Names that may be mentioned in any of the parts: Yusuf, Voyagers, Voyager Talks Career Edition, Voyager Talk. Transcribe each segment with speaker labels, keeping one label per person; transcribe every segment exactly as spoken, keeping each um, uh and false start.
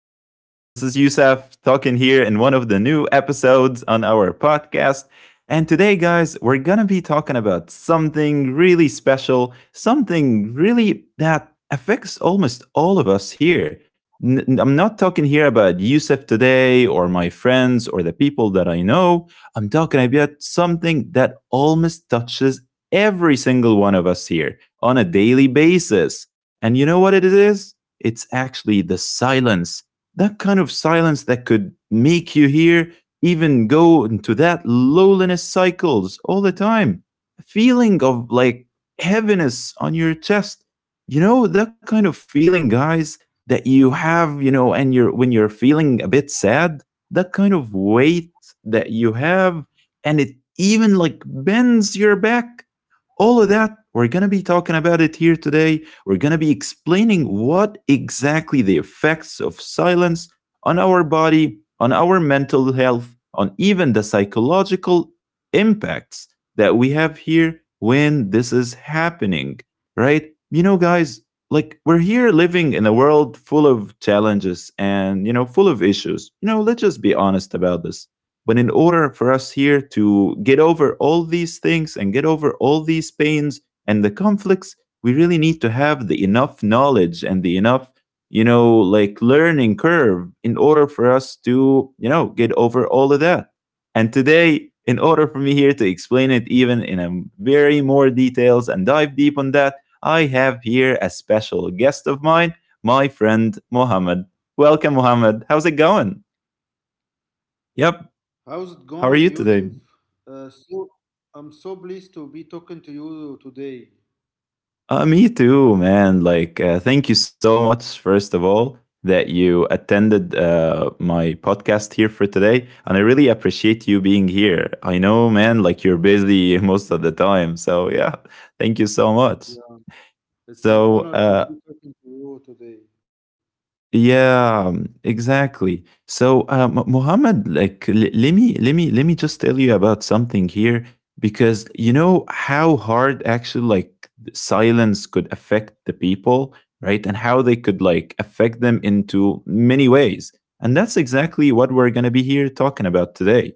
Speaker 1: And again, this is Yusef talking here in one of the new episodes on our podcast. And today, guys, we're going to be talking about something really special, something really that affects almost all of us here. N- n- I'm not talking here about Yusef today or my friends or the people that I know. I'm talking about something that almost touches every single one of us here on a daily basis. And you know what it is? It's actually the silence, that kind of silence that could make you hear even go into that lowliness cycles all the time. A feeling of like heaviness on your chest. You know, that kind of feeling, guys, that you have, you know, and you're when you're feeling a bit sad, that kind of weight that you have, and it even like bends your back, all of that. We're going to be talking about it here today. We're going to be explaining what exactly the effects of silence on our body, on our mental health, on even the psychological impacts that we have here when this is happening, right? You know, guys, like we're here living in a world full of challenges and, you know, full of issues. You know, let's just be honest about this. But in order for us here to get over all these things and get over all these pains and the conflicts, we really need to have the enough knowledge and the enough, you know like, learning curve in order for us to, you know get over all of that. And today, in order for me here to explain it even in a very more details and dive deep on that, I have here a special guest of mine, my friend Mohammed. Welcome, Mohammed, how's it going? Yep.
Speaker 2: How's it
Speaker 1: How
Speaker 2: going,
Speaker 1: are you
Speaker 2: Yusuf?
Speaker 1: today?
Speaker 2: Uh, so, I'm so pleased to be talking to you today.
Speaker 1: Uh, me too, man. Like, uh, thank you so much, first of all, that you attended uh, my podcast here for today. And I really appreciate you being here. I know, man, like you're busy most of the time. So, yeah, thank you so much.
Speaker 2: Yeah,
Speaker 1: So, uh,
Speaker 2: it's an honor to be talking to you today.
Speaker 1: yeah, um, exactly. So, uh, Mu- Muhammad, like, l- let me let me let me just tell you about something here, because you know how hard actually like silence could affect the people, right? And how they could like affect them into many ways. And that's exactly what we're gonna be here talking about today.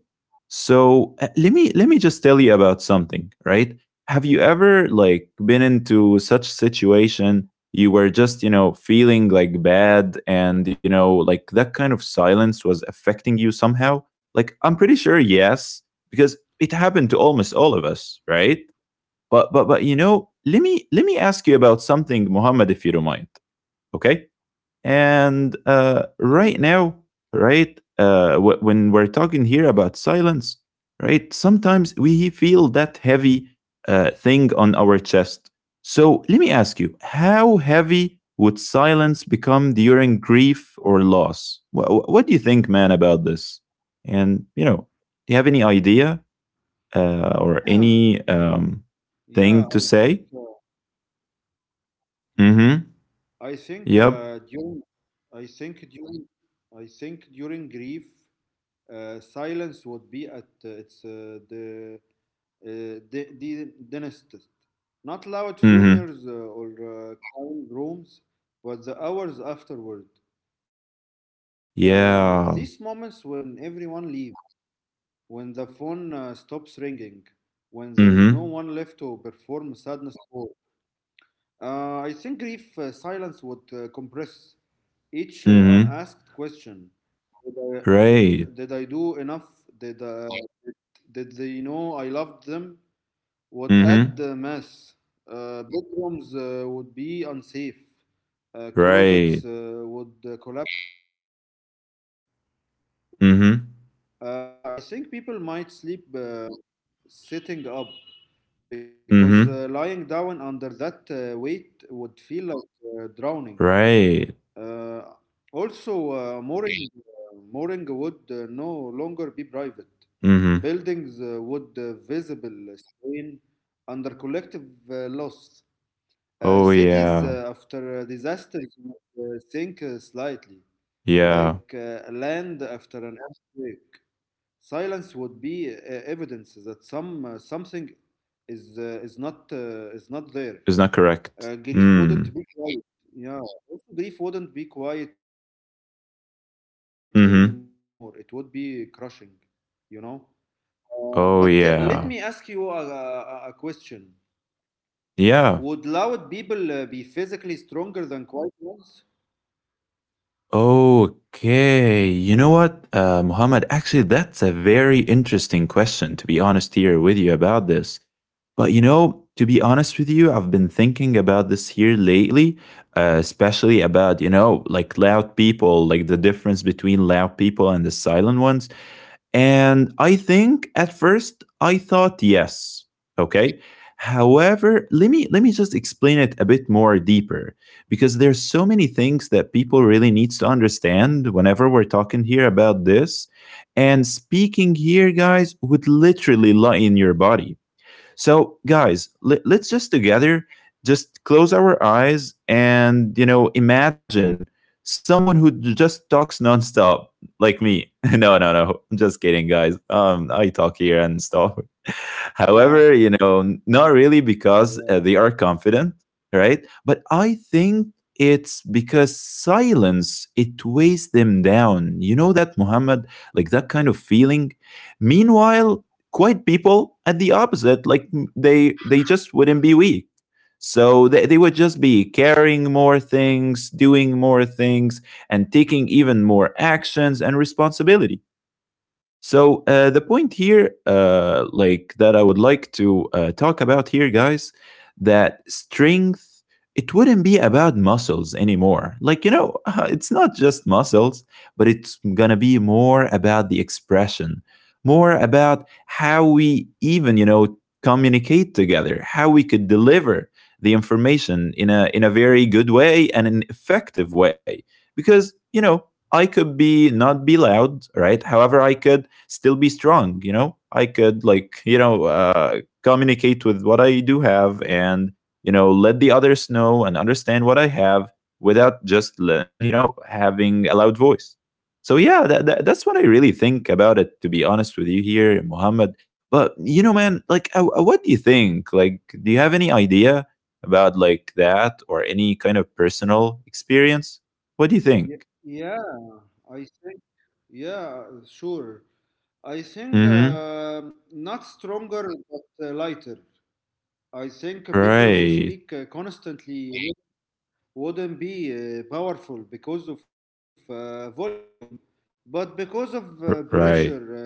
Speaker 1: So, uh, let me let me just tell you about something, right? Have you ever like been into such situation? You were just, you know, feeling like bad, and you know like that kind of silence was affecting you somehow. Like I'm pretty sure yes, because it happened to almost all of us, right? But but but you know, let me let me ask you about something, Muhammad, if you don't mind. Okay. And uh, right
Speaker 2: Okay.
Speaker 1: now, right, uh, w- when we're talking here about silence, right, sometimes we feel that heavy uh, thing on our chest. So let me ask you, how heavy would silence become during grief or loss? What, what do you think, man, about this? And, you know, do you have any idea uh, or any
Speaker 2: yeah,
Speaker 1: um,
Speaker 2: I think uh,
Speaker 1: thing to say? Mm hmm.
Speaker 2: I think uh,
Speaker 1: Yep.
Speaker 2: during I think during I think during grief, uh, silence would be at uh, its uh, the uh, the the densest. Not loud
Speaker 1: Mm hmm.
Speaker 2: funerals uh, or uh, calm rooms, but the hours afterward. Uh, these moments
Speaker 1: Yeah.
Speaker 2: when everyone leaves, when the phone uh, stops ringing, when there is no
Speaker 1: Mm hmm.
Speaker 2: one left to perform sadness for. uh, I think grief uh, silence would uh, compress each uh,
Speaker 1: Mm hmm.
Speaker 2: unasked question. Did I, did I
Speaker 1: Great.
Speaker 2: do enough? Did, uh, did they know I loved them? Would add uh,
Speaker 1: Mm-hmm.
Speaker 2: mass. Uh, bedrooms uh, would be unsafe. Uh, closets
Speaker 1: Great.
Speaker 2: uh, would uh, collapse. Uh, people, uh, I think
Speaker 1: Mm-hmm.
Speaker 2: people might sleep uh, sitting up, because uh, lying down under that
Speaker 1: Mm-hmm.
Speaker 2: uh, weight would feel like uh, drowning. Uh,
Speaker 1: Right.
Speaker 2: also, uh, mooring, uh, Mooring would uh, no longer be private. Buildings uh,
Speaker 1: Mm-hmm.
Speaker 2: would uh, visible strain under collective uh, loss. Uh,
Speaker 1: Oh
Speaker 2: cities uh,
Speaker 1: yeah.
Speaker 2: after uh, disasters would uh, sink uh, slightly,
Speaker 1: Yeah.
Speaker 2: like uh, land after an earthquake. Silence would be uh, evidence that some uh, something is uh, is not uh, is not there.
Speaker 1: It's not correct.
Speaker 2: Uh, grief
Speaker 1: Mm.
Speaker 2: wouldn't be quiet. Yeah, also grief wouldn't be quiet anymore. It would be crushing,
Speaker 1: Mm-hmm.
Speaker 2: you know. Uh, but tell, let me ask you a,
Speaker 1: Oh
Speaker 2: a, a
Speaker 1: yeah.
Speaker 2: question. Would loud people uh, be
Speaker 1: Yeah.
Speaker 2: physically stronger than quiet ones?
Speaker 1: Okay. You know what, uh, Muhammad? Actually, that's a very interesting question, to be honest here with you about this. But you know, to be honest with you, I've been thinking about this here lately, uh, especially about, you know, like loud people, like the difference between loud people and the silent ones. And I think at first I thought yes. Okay. However, let me let me just explain it a bit more deeper, because there's so many things that people really needs to understand whenever we're talking here about this. And speaking here, guys, would literally lie in your body. So, guys, let, let's just together just close our eyes and, you know, imagine someone who just talks nonstop, like me. No, no, no. I'm just kidding, guys. Um, I talk here and stuff.
Speaker 2: Yeah,
Speaker 1: However, you know, n- not
Speaker 2: yeah,
Speaker 1: really because uh, they are confident, right? But I think it's because silence, it weighs them down. You know that, Muhammad, like that kind of feeling. Meanwhile, quiet people at the opposite, like, m- they they just wouldn't be weak. So they, they would just be carrying more things, doing more things, and taking even more actions and responsibility. So uh, the point here,
Speaker 2: they-
Speaker 1: uh, like that, I would like to uh, talk about here, guys, that strength, it wouldn't be about muscles anymore. Like you know, it's not just muscles, but it's gonna be more about the expression, more about how we even, you know, communicate together, how we could deliver the information in a, in a very good way and an effective way, because you know, I could be not be loud, right? However, I could still be strong. You know, I could, like, you know, uh, communicate with what I do have, and, you know, let the others know and understand what I have, without just le- you know, having a loud voice. So yeah, that, that, that's what I really think about it, to be honest with you here, Mohammed. But you know, man, like, uh, uh, what do you think? Like, do you have any idea about like that, or any kind of personal experience? What do you
Speaker 2: ye-
Speaker 1: think?
Speaker 2: yeah. I Yeah, sure. I think
Speaker 1: Mm-hmm.
Speaker 2: uh, not stronger but uh, lighter. I think people who speak
Speaker 1: Right.
Speaker 2: uh, constantly wouldn't be uh, powerful because of uh, volume, but because of uh,
Speaker 1: R-
Speaker 2: pressure uh,
Speaker 1: right
Speaker 2: release.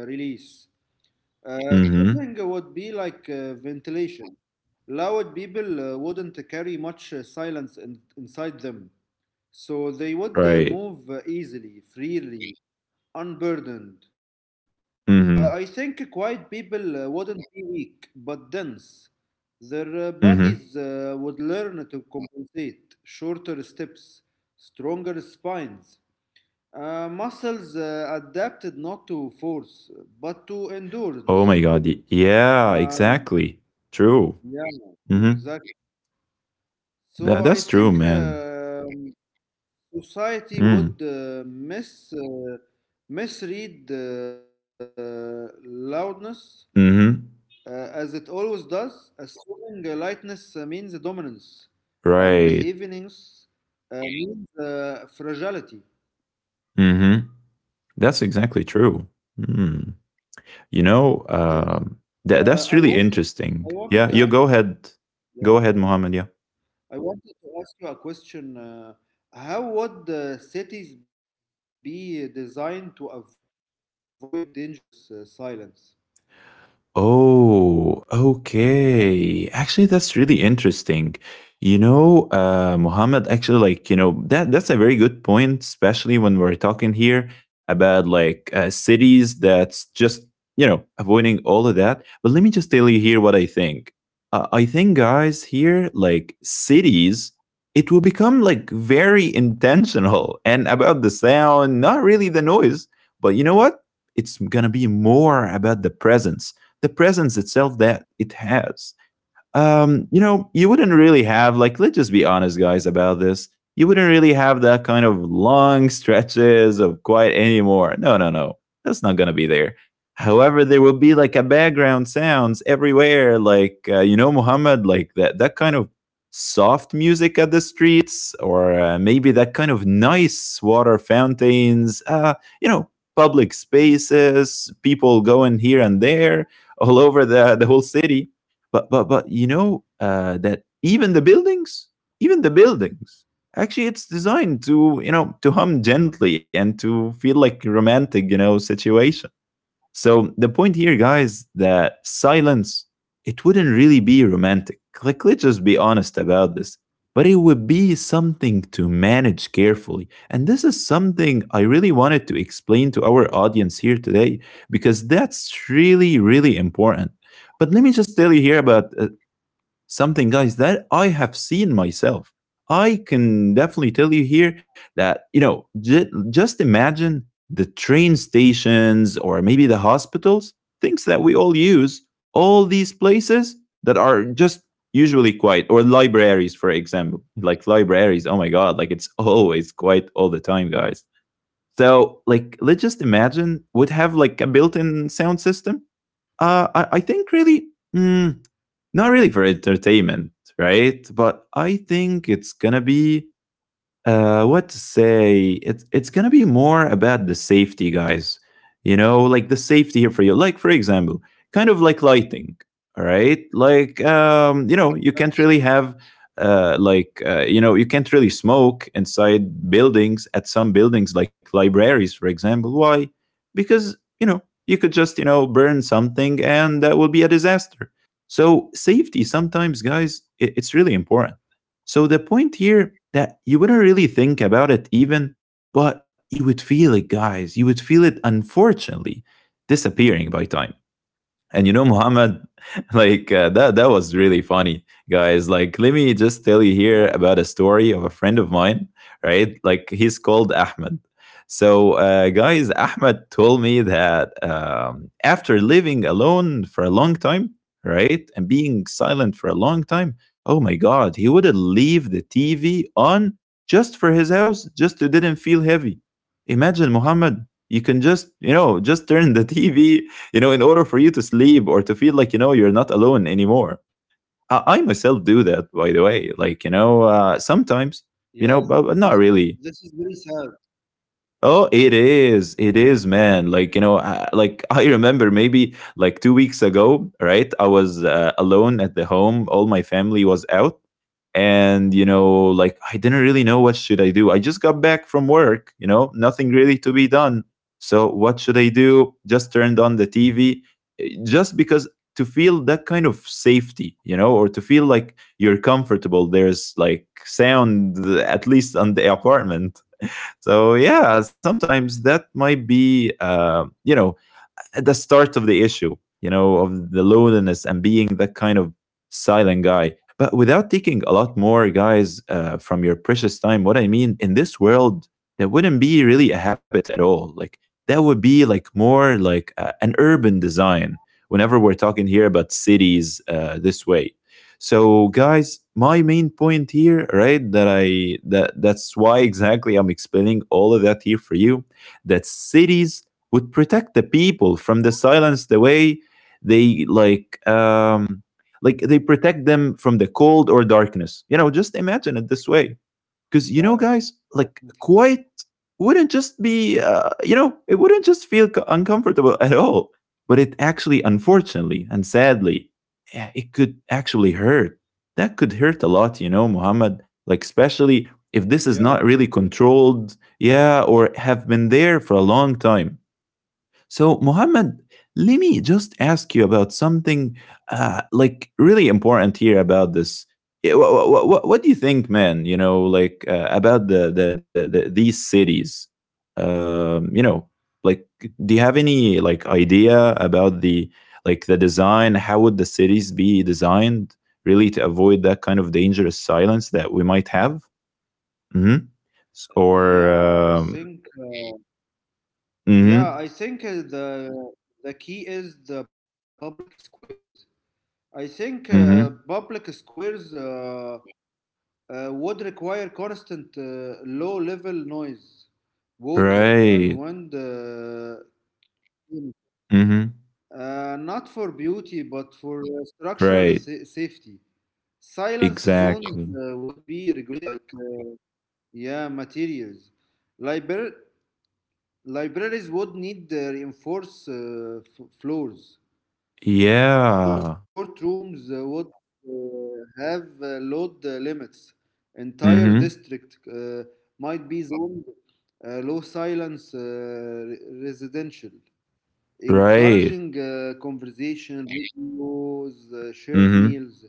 Speaker 2: Uh, Talking would be
Speaker 1: Mm-hmm.
Speaker 2: like uh, ventilation. Loud people uh, wouldn't carry much uh, silence in, inside them, so they would uh,
Speaker 1: Right.
Speaker 2: move uh, easily, freely, unburdened. Uh, I think
Speaker 1: Mm-hmm.
Speaker 2: quiet people uh, wouldn't be weak, but dense. Their uh, bodies
Speaker 1: Mm-hmm.
Speaker 2: uh, would learn to compensate. Shorter steps, stronger spines. Uh, muscles uh, adapted not to force, but to
Speaker 1: Oh
Speaker 2: endurance.
Speaker 1: my God. y- Yeah,
Speaker 2: Uh,
Speaker 1: exactly. True.
Speaker 2: yeah,
Speaker 1: Mm-hmm.
Speaker 2: exactly.
Speaker 1: That,
Speaker 2: So
Speaker 1: that's
Speaker 2: I
Speaker 1: true,
Speaker 2: think
Speaker 1: man.
Speaker 2: um society
Speaker 1: Mm.
Speaker 2: would uh, mis uh, misread uh, loudness
Speaker 1: Mm-hmm.
Speaker 2: uh, as it always does, assuming uh, lightness uh, means dominance and
Speaker 1: Right.
Speaker 2: heaviness uh, means uh, fragility.
Speaker 1: Mm-hmm. That's exactly true. Mm. You know,
Speaker 2: Yes.
Speaker 1: um, that
Speaker 2: Uh,
Speaker 1: that's
Speaker 2: I
Speaker 1: really
Speaker 2: wanted,
Speaker 1: interesting.
Speaker 2: I
Speaker 1: Yeah, you
Speaker 2: wanted to
Speaker 1: go
Speaker 2: ask you.
Speaker 1: ahead. Go ahead,
Speaker 2: Yeah,
Speaker 1: Mohammed. Yeah.
Speaker 2: I wanted to ask you a question. Uh, how would uh, cities be designed to avoid dangerous uh, silence?
Speaker 1: Oh, okay. Actually, that's really interesting. You know, uh, Muhammad, actually, like, you know, that that's a very good point, especially when we're talking here about like uh, cities that's just, you know, avoiding all of that. But let me just tell you here what I think. Uh, I think, guys, here, like cities, it will become like very intentional and about the sound, not really the noise. But you know what? It's gonna be more about the presence, the presence itself that it has. um, you know, you wouldn't really have like, let's just be honest, guys, about this. You wouldn't really have that kind of long stretches of quiet anymore. No, no, no, that's not gonna be there. However, there will be like a background sounds everywhere, like uh, you know, Muhammad, like that that kind of soft music at the streets, or uh, maybe that kind of nice water fountains. Uh, you know, public spaces, people going here and there, all over the the whole city. But but but you know, uh, that even the buildings, even the buildings, actually it's designed to, you know, to hum gently and to feel like a romantic, you know, situation. So the point here, guys, that silence, it wouldn't really be romantic. Like, let's just be honest about this. But it would be something to manage carefully. And this is something I really wanted to explain to our audience here today, because that's really, really important. But let me just tell you here about uh, something, guys, that I have seen myself. I can definitely tell you here that, you know, j- just imagine the train stations, or maybe the hospitals, things that we all use, all these places that are just usually quiet, or libraries, for example. Like libraries, oh my God, like it's always quiet all the time, guys. So, like, let's just imagine would have like a built in sound system. Uh, I, I think really, mm, not really for entertainment, right? But I think it's gonna be, uh, what to say? It's it's gonna be more about the safety, guys. You know, like the safety here for you. Like, for example, kind of like lighting. All right, like, um, you know, you can't really
Speaker 2: Yeah,
Speaker 1: have
Speaker 2: exactly.
Speaker 1: uh, like uh, you know, you can't really smoke inside buildings at some buildings, like libraries, for example. Why? Because you know, you could just, you know, burn something, and that will be a disaster. So safety sometimes, guys, it, it's really important. So the point here that you wouldn't really think about it even, but you would feel it, guys. You would feel it, unfortunately, disappearing by time. And you know, Muhammad, like uh, that that was really funny, guys. Like, let me just tell you here
Speaker 2: Yeah,
Speaker 1: about a story of a friend of mine, right? Like, he's called Ahmed. So uh, guys, Ahmed told me that um, after living alone for a long time, right, and being silent for a long time, oh my God, he would leave the T V on just for his house, just to didn't feel heavy. Imagine Muhammad. You can just, you know, just turn the T V you know in order for you to sleep or to feel like you know you're not alone anymore. I, I myself do that by the way, like you
Speaker 2: yeah.
Speaker 1: know
Speaker 2: th-
Speaker 1: uh,
Speaker 2: This is
Speaker 1: sometimes,
Speaker 2: this is
Speaker 1: you
Speaker 2: very
Speaker 1: know, but
Speaker 2: sad.
Speaker 1: but not really. Oh, it is. It is, man. Like, you know, I, like I remember maybe like two weeks ago, right? I was uh, alone at the home. All my family was out and, you know, like I didn't really know what should I do. I just got back from work, you know, nothing really to be done. So, what should I do? Just turned on the T V eh, just because to feel that kind of safety, you know, or to feel like you're comfortable. There's like sound uh, at least on the apartment. So yeah, sometimes that might be uh, you know, at the start of the issue, you know, of the loneliness and being that kind of silent guy. But without taking a lot more guys uh, from your precious time, what I mean in this world, that wouldn't be really a habit at all. Like that would be like more like uh, an urban design. Whenever we're talking here about cities uh, this way, so guys, my main point here, right, that I that that's why exactly I'm explaining all of that here for you. That cities would protect the people from the silence the way they like um like they protect them from the cold or darkness, you know, just imagine it this way. Because you know
Speaker 2: Yeah,
Speaker 1: guys, like,
Speaker 2: definitely.
Speaker 1: quiet wouldn't just be uh, you know, it wouldn't just feel co- uncomfortable at all, but it actually, unfortunately and sadly, yeah, it could actually hurt. That could hurt a lot, you know, Muhammad, like especially if this is not really
Speaker 2: Yeah,
Speaker 1: controlled, yeah, or have been there for a long time. So, Mohammed, let me just ask you about something uh, like really important here about this. What, what, what, what do you think, man? You know, like uh, about the, the, the, the these cities. Um, you know, like, do you have any like idea about the like the design? How would the cities be designed really to avoid that kind of dangerous silence that we might have? Mm-hmm. Or
Speaker 2: yeah.
Speaker 1: um,
Speaker 2: I think
Speaker 1: mm-hmm,
Speaker 2: Yeah, I think uh, the the key is the public squares. I think uh,
Speaker 1: mm-hmm,
Speaker 2: public squares uh, uh, would require constant uh, low-level noise, water, and
Speaker 1: right.
Speaker 2: wind, uh,
Speaker 1: Mm-hmm.
Speaker 2: uh, not for beauty but for uh, structure sa-
Speaker 1: Right.
Speaker 2: safety. Silence zones uh, would
Speaker 1: Exactly.
Speaker 2: be regulated like uh, yeah materials. Libra- Libraries would need uh, reinforced uh, f- floors. Uh, also,
Speaker 1: Yeah.
Speaker 2: courtrooms uh, would uh, have uh, load uh, limits. Entire
Speaker 1: Mm-hmm.
Speaker 2: district uh, might be zoned uh, low silence uh, re- residential,
Speaker 1: Right.
Speaker 2: encouraging uh, conversation, videos, uh, shared
Speaker 1: Mm-hmm.
Speaker 2: meals.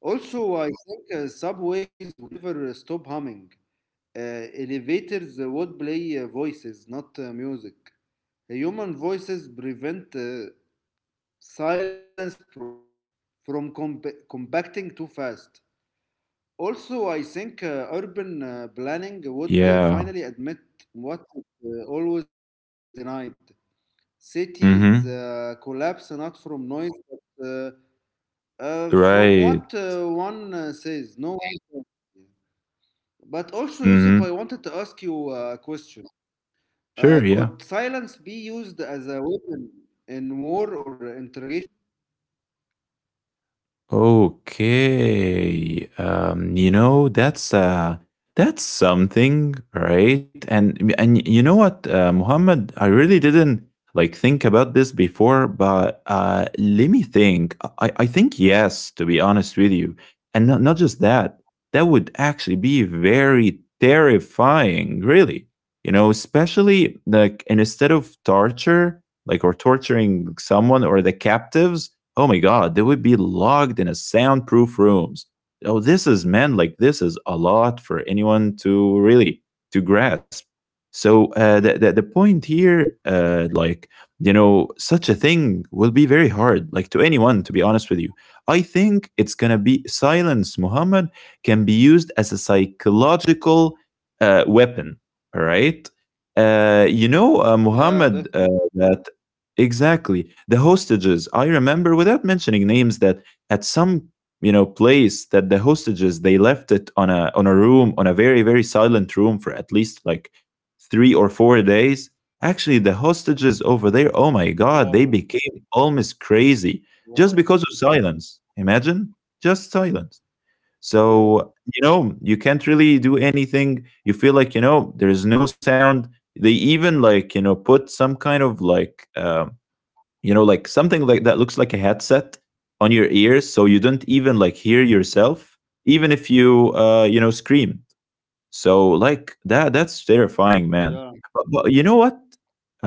Speaker 2: Also, I think uh, subways would never uh, stop humming. Uh, elevators uh, would play uh, voices, not uh, music. Human voices prevent uh, silence pr- from comp- compacting too fast. Also, I think uh, urban uh, planning would uh,
Speaker 1: Yeah.
Speaker 2: finally admit what it uh, always denied. Cities
Speaker 1: Mm-hmm.
Speaker 2: uh, collapse not from noise, but uh, uh, from what
Speaker 1: Right.
Speaker 2: uh, one uh, says. No. But also, Yusuf, I
Speaker 1: Mm-hmm.
Speaker 2: wanted to ask you a question. Uh,
Speaker 1: Sure.
Speaker 2: could
Speaker 1: Yeah.
Speaker 2: silence be used as a weapon in war or interrogation?
Speaker 1: Okay. Um, you know, that's uh that's something, right? And and you know what, uh, Muhammad, I really didn't like think about this before, but uh let me think. I I think yes, to be honest with you. And not not just that. That would actually be very terrifying, really. You know, especially like, and instead of torture, like or torturing someone or the captives, oh my God, they would be locked in a soundproof rooms. Oh, this is, man, like this is a lot for anyone to really to grasp. So uh, the, the the point here, uh, like, you know, such a thing will be very hard, like to anyone. To be honest with you, I think it's gonna be silence. Muhammad, can be used as a psychological uh, weapon. All right, uh, you know, uh, Muhammad,
Speaker 2: Yeah,
Speaker 1: uh,
Speaker 2: definitely.
Speaker 1: that exactly. The hostages. I remember without mentioning names that at some, you know, place that the hostages they left it on a on a room, on a very very silent room for at least like three or four days. Actually, the hostages over there, oh my
Speaker 2: Wow.
Speaker 1: god, they became almost crazy
Speaker 2: Wow.
Speaker 1: just because of silence. Imagine? Just silence.
Speaker 2: Yeah,
Speaker 1: So, you know, you can't really do anything. You feel like, you know, there is no sound. They even like, you know, put some kind of like um you know, like something like that looks like a headset on your ears so you don't even like hear yourself, even if you uh you know scream. So like that that's
Speaker 2: yeah,
Speaker 1: terrifying, man. But, but you know what,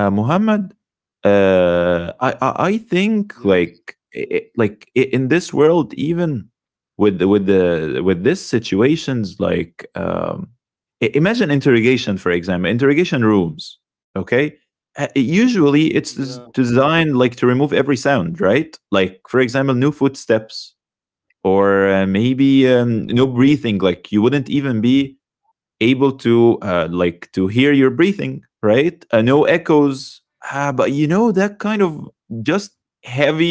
Speaker 1: uh, Muhammad, uh, I, I I
Speaker 2: yeah,
Speaker 1: think like i i- like i- in this world, even with the, with the with this situations, like um, i- imagine interrogation, for example, interrogation rooms. Okay, Uh, usually it's
Speaker 2: yeah.
Speaker 1: des- designed like to remove every sound, right? Like for example, new footsteps, or uh, maybe um, no breathing. Like you wouldn't even be able to uh, like to hear your breathing, right, uh, no echoes, ah, but you know that kind of just heavy,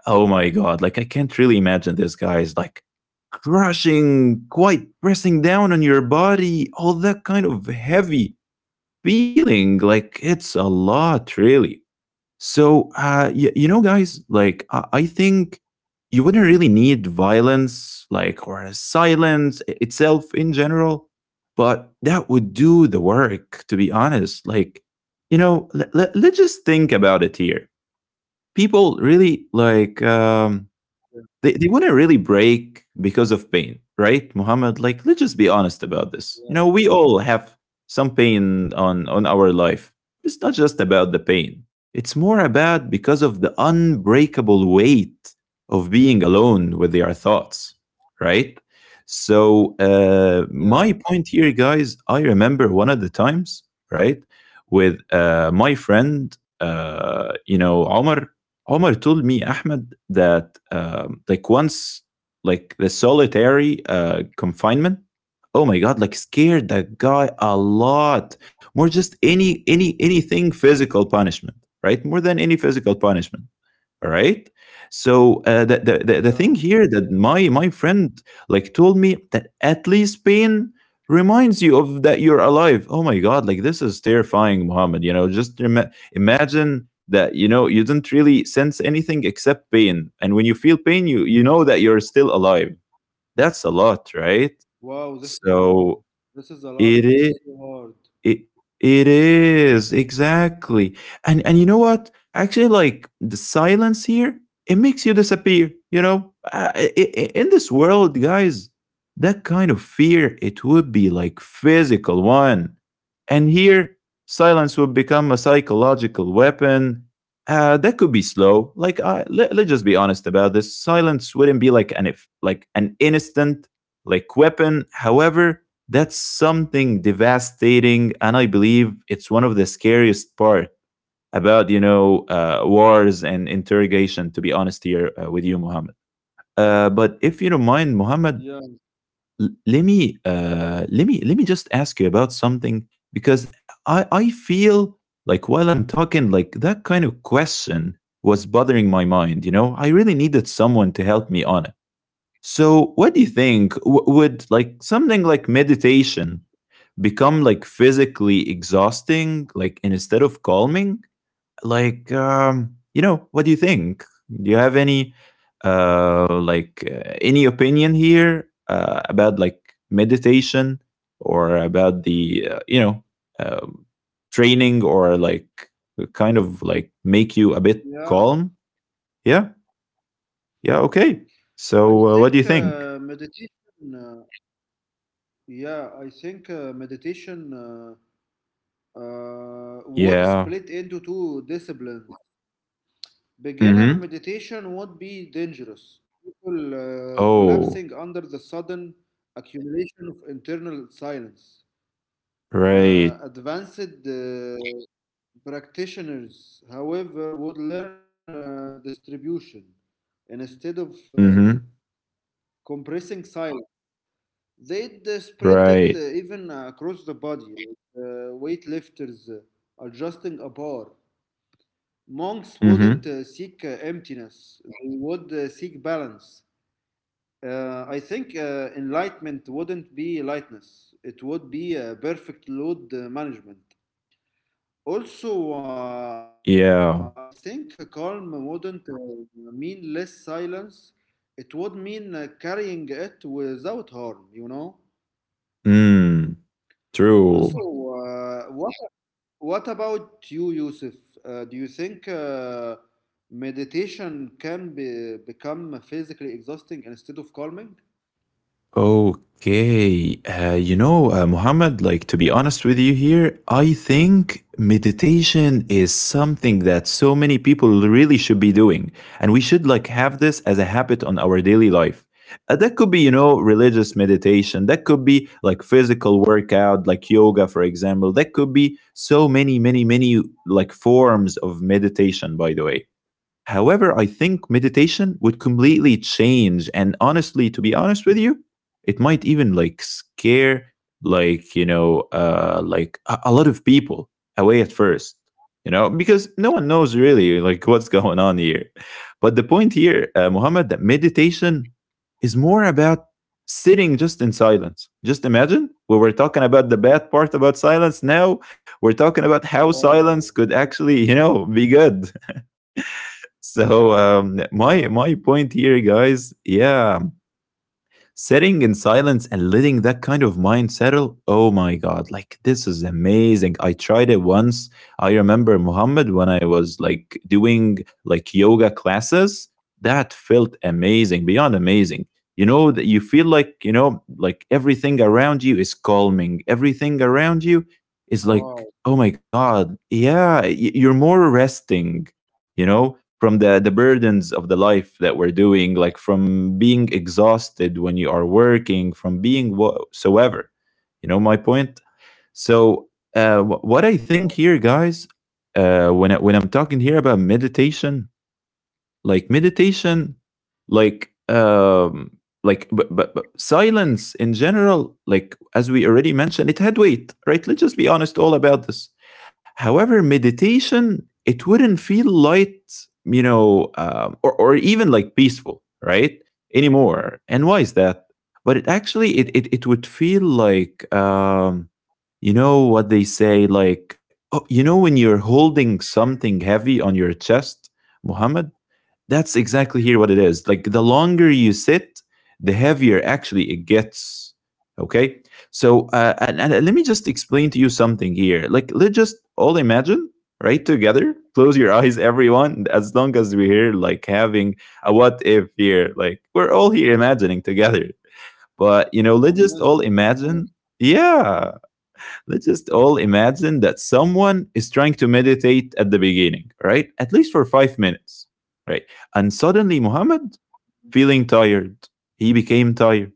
Speaker 1: oh my god, like I can't really imagine this, guy, is like crushing, quite pressing down on your body, all that kind of heavy feeling, like it's a lot really. So, uh, y- you know, guys, like, I-, I think you wouldn't really need violence, like, or silence i- itself in general, but that would do the work, to be honest. Like, you know, let- let- let's just think about it here. People really, like, um, they, they want to really break because of pain, right, Muhammad? Like, let's just be honest about this. You know,
Speaker 2: Yeah,
Speaker 1: we all have some pain on, on our life. It's not just about the pain, it's more about because of the unbreakable weight of being alone with your thoughts, right? So, uh, my
Speaker 2: yeah,
Speaker 1: point here, guys, I remember one of the times, right, with uh, my friend, uh, you know, Omar, Omar told me, Ahmed, that um, like once, like the solitary uh, confinement, oh my god, like scared the guy a lot more. Just any any anything physical punishment, right? More than any physical punishment. All right, so uh, the, the
Speaker 2: yeah,
Speaker 1: the the thing here that
Speaker 2: yeah.
Speaker 1: my my friend like told me that at least pain reminds you of that you're alive. Oh my god, like this is terrifying, Muhammad. You know, just ima- imagine that, you know, you didn't really sense anything except pain, and when you feel pain you you know that you're still alive. That's a lot, right?
Speaker 2: Wow, this is
Speaker 1: So
Speaker 2: uh, this is a
Speaker 1: it
Speaker 2: lot.
Speaker 1: is.
Speaker 2: This is so hard.
Speaker 1: It it is, exactly. And and you know what? Actually, like the silence here, it makes you disappear. You know, uh, i- i- in this world, guys, that kind of fear it would be like physical one, and here silence would become a psychological weapon. Uh, that could be slow. Like, I, let, let's just be honest about this. Silence wouldn't be like an if, like an instant, like weapon. However, that's something devastating, and I believe it's one of the scariest part about, you know, uh, wars and interrogation. To be honest here uh, with you, Muhammad. Uh, but if you don't mind, Muhammad,
Speaker 2: Yeah,
Speaker 1: l- let me uh, let me let me just ask you about something because I I feel like while I'm talking, like that kind of question was bothering my mind. You know, I really needed someone to help me on it. So, what do you think? W- would like something like meditation become like physically exhausting, like instead of calming, like um you know, what do you think? Do you have any uh like uh, any opinion here uh, about like meditation or about the uh, you know, um, training or like kind of like make you a
Speaker 2: yeah.
Speaker 1: bit calm? Yeah. Yeah, okay.
Speaker 2: I think
Speaker 1: So uh,
Speaker 2: uh,
Speaker 1: what do you
Speaker 2: meditation.
Speaker 1: think?
Speaker 2: Uh, yeah, I think uh, meditation uh, uh, would
Speaker 1: Yeah.
Speaker 2: split into two disciplines. Beginner
Speaker 1: Mm-hmm.
Speaker 2: meditation would be dangerous. People uh, collapsing under
Speaker 1: Oh.
Speaker 2: the sudden accumulation of internal silence. Uh,
Speaker 1: Right.
Speaker 2: advanced uh, Practitioners, however, would learn uh, distribution instead of uh,
Speaker 1: Mm-hmm.
Speaker 2: compressing silence. They'd uh, spread it uh,
Speaker 1: Right.
Speaker 2: even uh, across the body, like uh, weightlifters uh, adjusting a bar. Monks wouldn't
Speaker 1: Mm-hmm.
Speaker 2: uh, seek uh, emptiness, they would uh, seek balance. Uh, I think uh, enlightenment wouldn't be lightness, it would be uh, perfect load uh, management. Also, uh, I
Speaker 1: Yeah.
Speaker 2: think calm wouldn't uh, mean less silence. It would mean uh, carrying it without harm, you know?
Speaker 1: Mm,
Speaker 2: Also,
Speaker 1: true.
Speaker 2: uh, what, what about you, Yusuf? Uh, do you think uh, meditation can be, become physically exhausting instead of calming?
Speaker 1: Okay. Uh, you know, uh, Muhammad, like to be honest with you here, I think meditation is something that so many people really should be doing. And we should like have this as a habit on our daily life. Uh, that could be, you know, religious meditation. That could be like physical workout, like yoga, for example. That could be so many, many, many like forms of meditation, by the way. However, I think meditation would completely change. And honestly, to be honest with you, it might even like scare like you know uh like a, a lot of people away at first, you know, because no one knows really like what's going on here. But the point here, uh, Muhammad, that meditation is more about sitting just in silence. Just imagine, we were talking about the bad part about silence, now we're talking about how silence could
Speaker 2: Wow,
Speaker 1: actually, you know, be good. So um,
Speaker 2: wow,
Speaker 1: my my point here, guys, yeah, sitting in silence and letting that kind of mind settle. Oh my God, like this is amazing. I tried it once. I remember Muhammad when I was like doing like yoga classes. That felt amazing, beyond amazing. You know that you feel like, you know, like everything around you is calming. Everything around you is like,
Speaker 2: wow.
Speaker 1: oh my God, yeah, y- you're more resting. You know from the the burdens of the life that we're doing, like from being exhausted when you are working, from being whatsoever, you know my point. So, uh, what I
Speaker 2: Yeah.
Speaker 1: think here, guys, uh, when, I, when I'm talking here about meditation, like meditation, like um like but, but, but silence in general, like as we already mentioned, it had weight, right? Let's just be honest all about this. However, meditation, it wouldn't feel light, you know, um, or, or even like peaceful, right? Anymore. And why is that? But it
Speaker 2: Yeah.
Speaker 1: actually it it, it would feel like, um you know what they say, like, oh, you know, when you're holding something heavy on your chest, Muhammad, that's exactly here what it is. Like the
Speaker 2: Mm.
Speaker 1: longer you sit, the heavier actually it gets. Okay. So, uh, and, and let me just explain to you something here. Like, let's just all imagine, right? Together, close your eyes, everyone. As long as we're here, like having a what if here, like we're all here
Speaker 2: Okay,
Speaker 1: imagining together. But, you know, let's just
Speaker 2: I'm
Speaker 1: all
Speaker 2: with you. I'm
Speaker 1: imagine.
Speaker 2: with
Speaker 1: Yeah, let's just all imagine that someone is trying to meditate at the beginning, right? At least for five minutes, right? And suddenly Muhammad feeling tired. He became tired.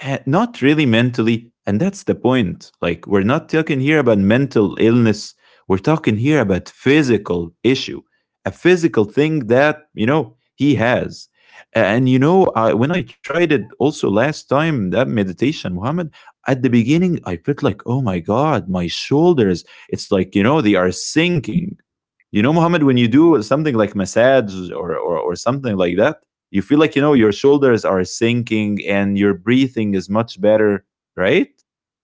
Speaker 1: Eh, not really mentally, and that's the point, like we're not talking here about mental illness, we're talking here about physical issue, a physical thing that, you know,
Speaker 2: you.
Speaker 1: he has. And you know, I, when I tried it also last time, that meditation, Muhammad, at the beginning I felt like, oh my god, my shoulders, it's like, you know, they are sinking. You know, Muhammad, when you do something like massage or or, or something like that, you feel like, you know, your shoulders are sinking and your breathing is much better, right?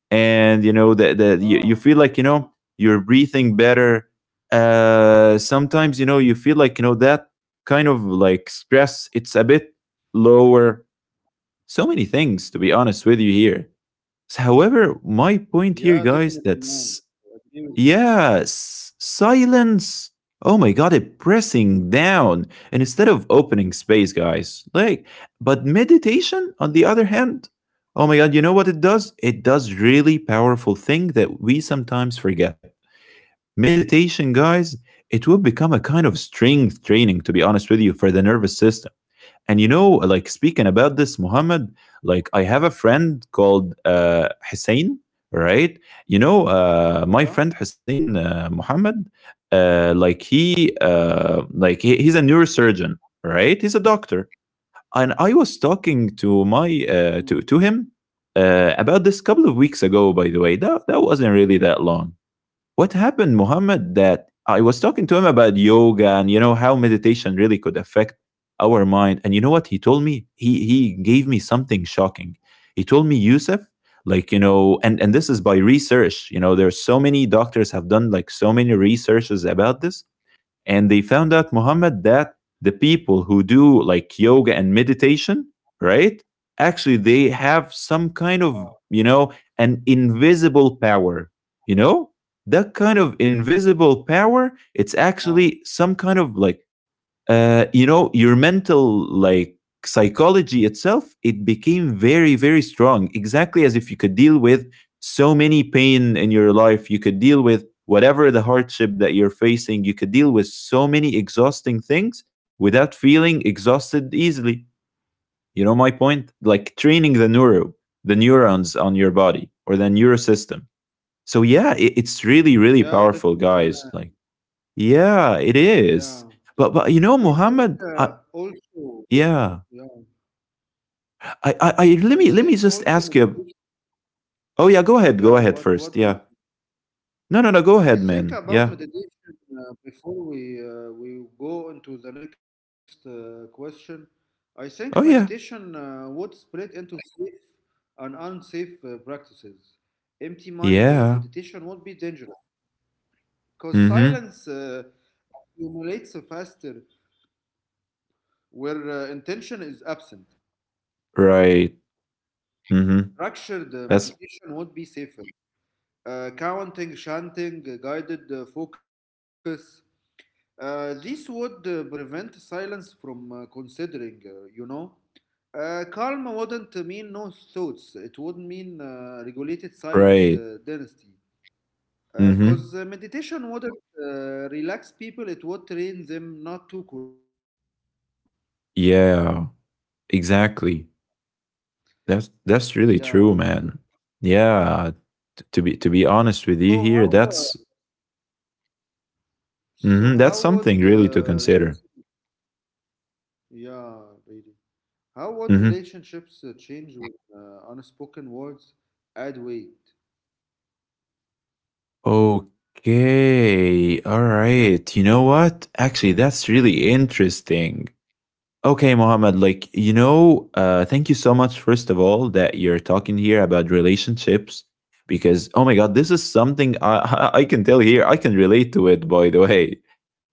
Speaker 1: And you know that the, you, you
Speaker 2: Ah.
Speaker 1: feel like, you know, you're breathing better. Uh, sometimes you know you feel like, you know, that kind of like stress, it's a bit lower. So many things, to be honest with you here. So, however, my point
Speaker 2: Yeah,
Speaker 1: here,
Speaker 2: definitely,
Speaker 1: guys,
Speaker 2: man.
Speaker 1: that's,
Speaker 2: I agree with you.
Speaker 1: yes, silence. Oh my god, it pressing down. And instead of opening space, guys, like, but meditation, on the other hand, oh my god, you know what it does? It does really powerful thing that we sometimes forget. Meditation, guys, it will become a kind of strength training, to be honest with you, for the nervous system. And you know, like speaking about this, Muhammad, like I have a friend called uh, Hussein, right? You know, uh, my friend
Speaker 2: Yeah.
Speaker 1: Hussein, uh, Muhammad, uh, like he, uh, like he, he's a neurosurgeon, right? He's a doctor, and I was talking to my
Speaker 2: Mm.
Speaker 1: uh, to to him uh, about this couple of weeks ago. By the way, that that wasn't really that long. What happened, Muhammad, that I was talking to him about yoga and you know how meditation really could affect our mind. And you know what he told me? He he gave me something shocking. He told me, Yusuf, like you know, and and this is by research. You know, there are so many doctors have done like so many researches about this, and they found out, Muhammad, that the people who do like yoga and meditation, right, actually they have some kind
Speaker 2: Ah,
Speaker 1: of, you know, an invisible power, you know, that kind of invisible power,
Speaker 2: ah.
Speaker 1: it's actually some kind of like, uh, you know, your mental like psychology itself, it became very very strong, exactly as if you could deal with so many pain in your life, you could deal with whatever the hardship that you're facing, you could deal with so many exhausting things without feeling exhausted easily. You know my point, like training the neuro, the neurons on your body, or the neurosystem. So yeah, it, it's really
Speaker 2: Yeah,
Speaker 1: really
Speaker 2: definitely,
Speaker 1: powerful,
Speaker 2: man.
Speaker 1: guys, like, yeah, it
Speaker 2: Yeah.
Speaker 1: is. but but you
Speaker 2: I
Speaker 1: know,
Speaker 2: think
Speaker 1: Muhammad,
Speaker 2: uh,
Speaker 1: I,
Speaker 2: also,
Speaker 1: yeah.
Speaker 2: yeah,
Speaker 1: I, I, I let
Speaker 2: I
Speaker 1: me let me
Speaker 2: think
Speaker 1: just
Speaker 2: also
Speaker 1: ask you.
Speaker 2: meditation.
Speaker 1: Oh yeah, go ahead. Go ahead
Speaker 2: Yeah, what
Speaker 1: first.
Speaker 2: what
Speaker 1: Yeah.
Speaker 2: do you?
Speaker 1: No, no, no. Go ahead,
Speaker 2: I
Speaker 1: man.
Speaker 2: think
Speaker 1: Yeah.
Speaker 2: about meditation uh, before we uh, we go into the next uh, question. I think
Speaker 1: Oh
Speaker 2: meditation
Speaker 1: yeah.
Speaker 2: uh, would split into safe and unsafe uh, practices. Empty mind uh,
Speaker 1: Yeah.
Speaker 2: meditation would be dangerous because
Speaker 1: Mm-hmm.
Speaker 2: silence Uh, accumulates faster where uh, intention is absent.
Speaker 1: Right. Mm-hmm.
Speaker 2: Structured uh,
Speaker 1: That's
Speaker 2: meditation would be safer. Uh, counting, chanting, uh, guided uh, focus. Uh, this would uh, prevent silence from uh, considering, uh, you know. Uh, calm wouldn't mean no thoughts. It would mean uh, regulated silence
Speaker 1: right.
Speaker 2: uh, dynasty. Because uh,
Speaker 1: Mm-hmm.
Speaker 2: uh, meditation wouldn't uh, relax people, it would train them not to collapse, you know?
Speaker 1: Yeah. Exactly. That's that's really true,
Speaker 2: Yeah.
Speaker 1: man. Yeah. T- to be to be honest with you
Speaker 2: So,
Speaker 1: here,
Speaker 2: how
Speaker 1: that's,
Speaker 2: uh, So
Speaker 1: mm-hmm, that's
Speaker 2: how
Speaker 1: something
Speaker 2: would
Speaker 1: really to
Speaker 2: uh,
Speaker 1: consider.
Speaker 2: rela- yeah, really. How would
Speaker 1: Mm-hmm.
Speaker 2: relationships uh, change with uh, unspoken words add weight?
Speaker 1: Okay. All right. You know what? Actually, that's really interesting. Okay, Mohammed, like, you know, uh, thank you so much, first of all, that you're talking here about relationships because, oh my God, this is something I, I I can tell here. I can relate to it, by the way.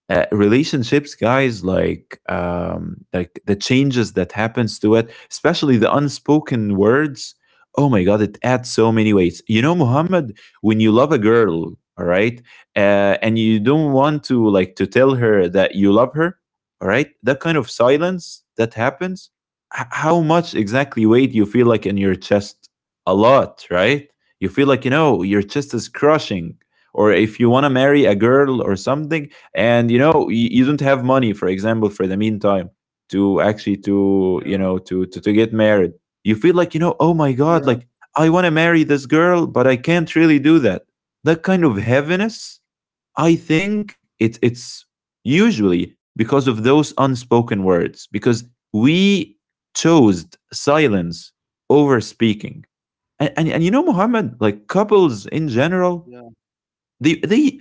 Speaker 1: uh, Relationships, guys, like um like the changes that happens to it, especially the unspoken words, oh my god, it adds so many weights. You know, Muhammad, when you love a girl, all right, uh, and you don't want to like to tell her that you love her, all right, that kind of silence that happens, h- how much exactly weight you feel like in your chest, a lot, right? You feel like, you know, your chest is crushing. Or if you want to marry a girl or something, and you know you, you don't have money, for example, for the meantime, to actually to
Speaker 2: Yeah.
Speaker 1: you know to to, to get married, you feel like, you know, oh my god,
Speaker 2: Yeah,
Speaker 1: like I want to marry this girl but I can't really do that. That kind of heaviness, I think it, it's usually because of those unspoken words, because we chose silence over speaking. And, and, and you know, Muhammad, like couples in
Speaker 2: yeah,
Speaker 1: general, the the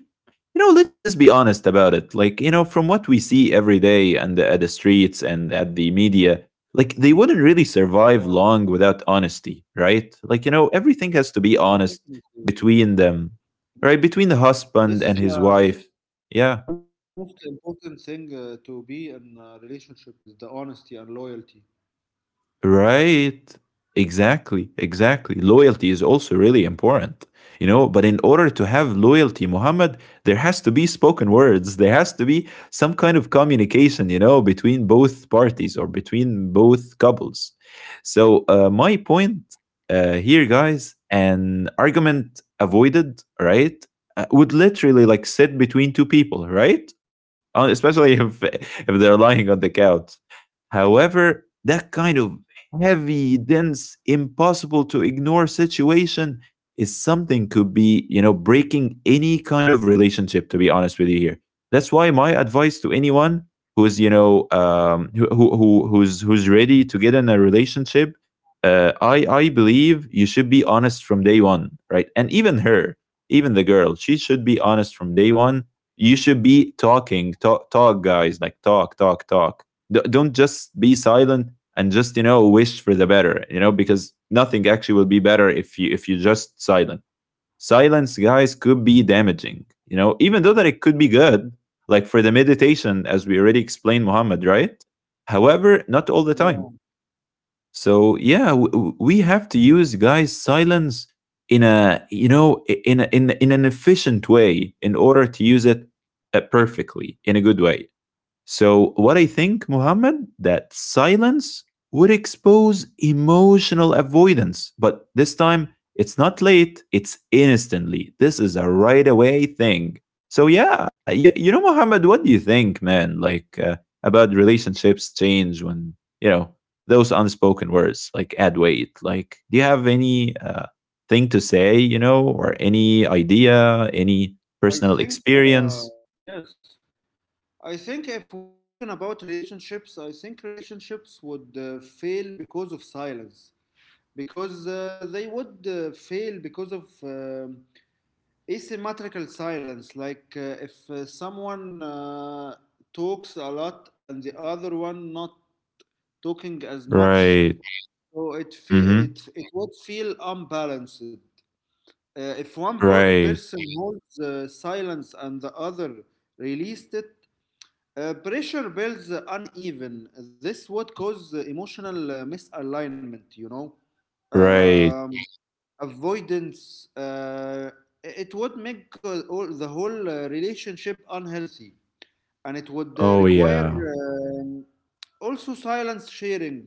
Speaker 1: you know, let's just be honest about it, like, you know, from what we see every day and at the streets and at the media, like they wouldn't really
Speaker 2: yeah,
Speaker 1: survive long without honesty, right? Like, you know, everything has to
Speaker 2: yeah,
Speaker 1: be honest
Speaker 2: definitely. yeah,
Speaker 1: between them,
Speaker 2: def-
Speaker 1: right, between the
Speaker 2: This is
Speaker 1: husband and his
Speaker 2: the
Speaker 1: wife.
Speaker 2: most important
Speaker 1: Yeah.
Speaker 2: thing uh, to be in a relationship is the is the honesty and loyalty.
Speaker 1: Right. Exactly. Exactly. Loyalty is also really important. You know, but in order to have loyalty, Muhammad, there has to be spoken words. There has to be some kind of communication, you know, between both parties or between both couples. So, uh, my point uh, here, guys, an argument avoided, right, uh, would literally like sit between two people, right? Uh, especially if if they're lying on the couch. However, that kind of heavy, dense, impossible to ignore situation is something could be, you know, breaking any kind of relationship, to be honest with you here. That's why my advice to anyone who is, you know, um, who, who, who- who's, who's ready to get in a relationship, uh, I, I believe you should be honest from day one, right? And even her, even the girl, she should be honest from day one. You should be talking, talk, talk, guys, like, talk, talk, talk. D- don't just be silent and just, you know, wish for the better, you know, because nothing actually will be better if you if you just silent. Silence, guys, could be damaging, you know, even though that it could be good, like for the meditation, as we already explained, Muhammad, right? However, not all the
Speaker 2: Yeah,
Speaker 1: time. So yeah, w- we have to use, guys, silence in a, you know, i- in a, in in an efficient way, in order to use it uh, perfectly, in a good way. So, what I think, Muhammad, that silence would expose emotional avoidance. But this time, it's not late, it's instantly. This is a right away thing. So, yeah, yeah, you know, Muhammad, what do you think, man, like, uh, about relationships change when, you know, those unspoken words like add weight? Like, do you have any uh, thing to say, you know, or any idea, any
Speaker 2: I
Speaker 1: personal
Speaker 2: think
Speaker 1: experience?
Speaker 2: uh, yes. I think if we're talking about relationships, I think relationships would uh, fail because of silence. Because uh, they would uh, fail because of um asymmetrical silence. Like uh, if uh, someone uh, talks a lot and the other one not talking as much,
Speaker 1: Right.
Speaker 2: so it fe-
Speaker 1: Hmm.
Speaker 2: it it would feel unbalanced. Uh, if one per-
Speaker 1: Right,
Speaker 2: person holds uh, silence and the other released it, uh, pressure builds uneven. This would cause uh, emotional uh, misalignment. You know.
Speaker 1: right.
Speaker 2: Um, avoidance uh, it would make uh, all the whole uh, relationship unhealthy, and it would uh,
Speaker 1: Oh,
Speaker 2: require
Speaker 1: yeah.
Speaker 2: um also silence sharing,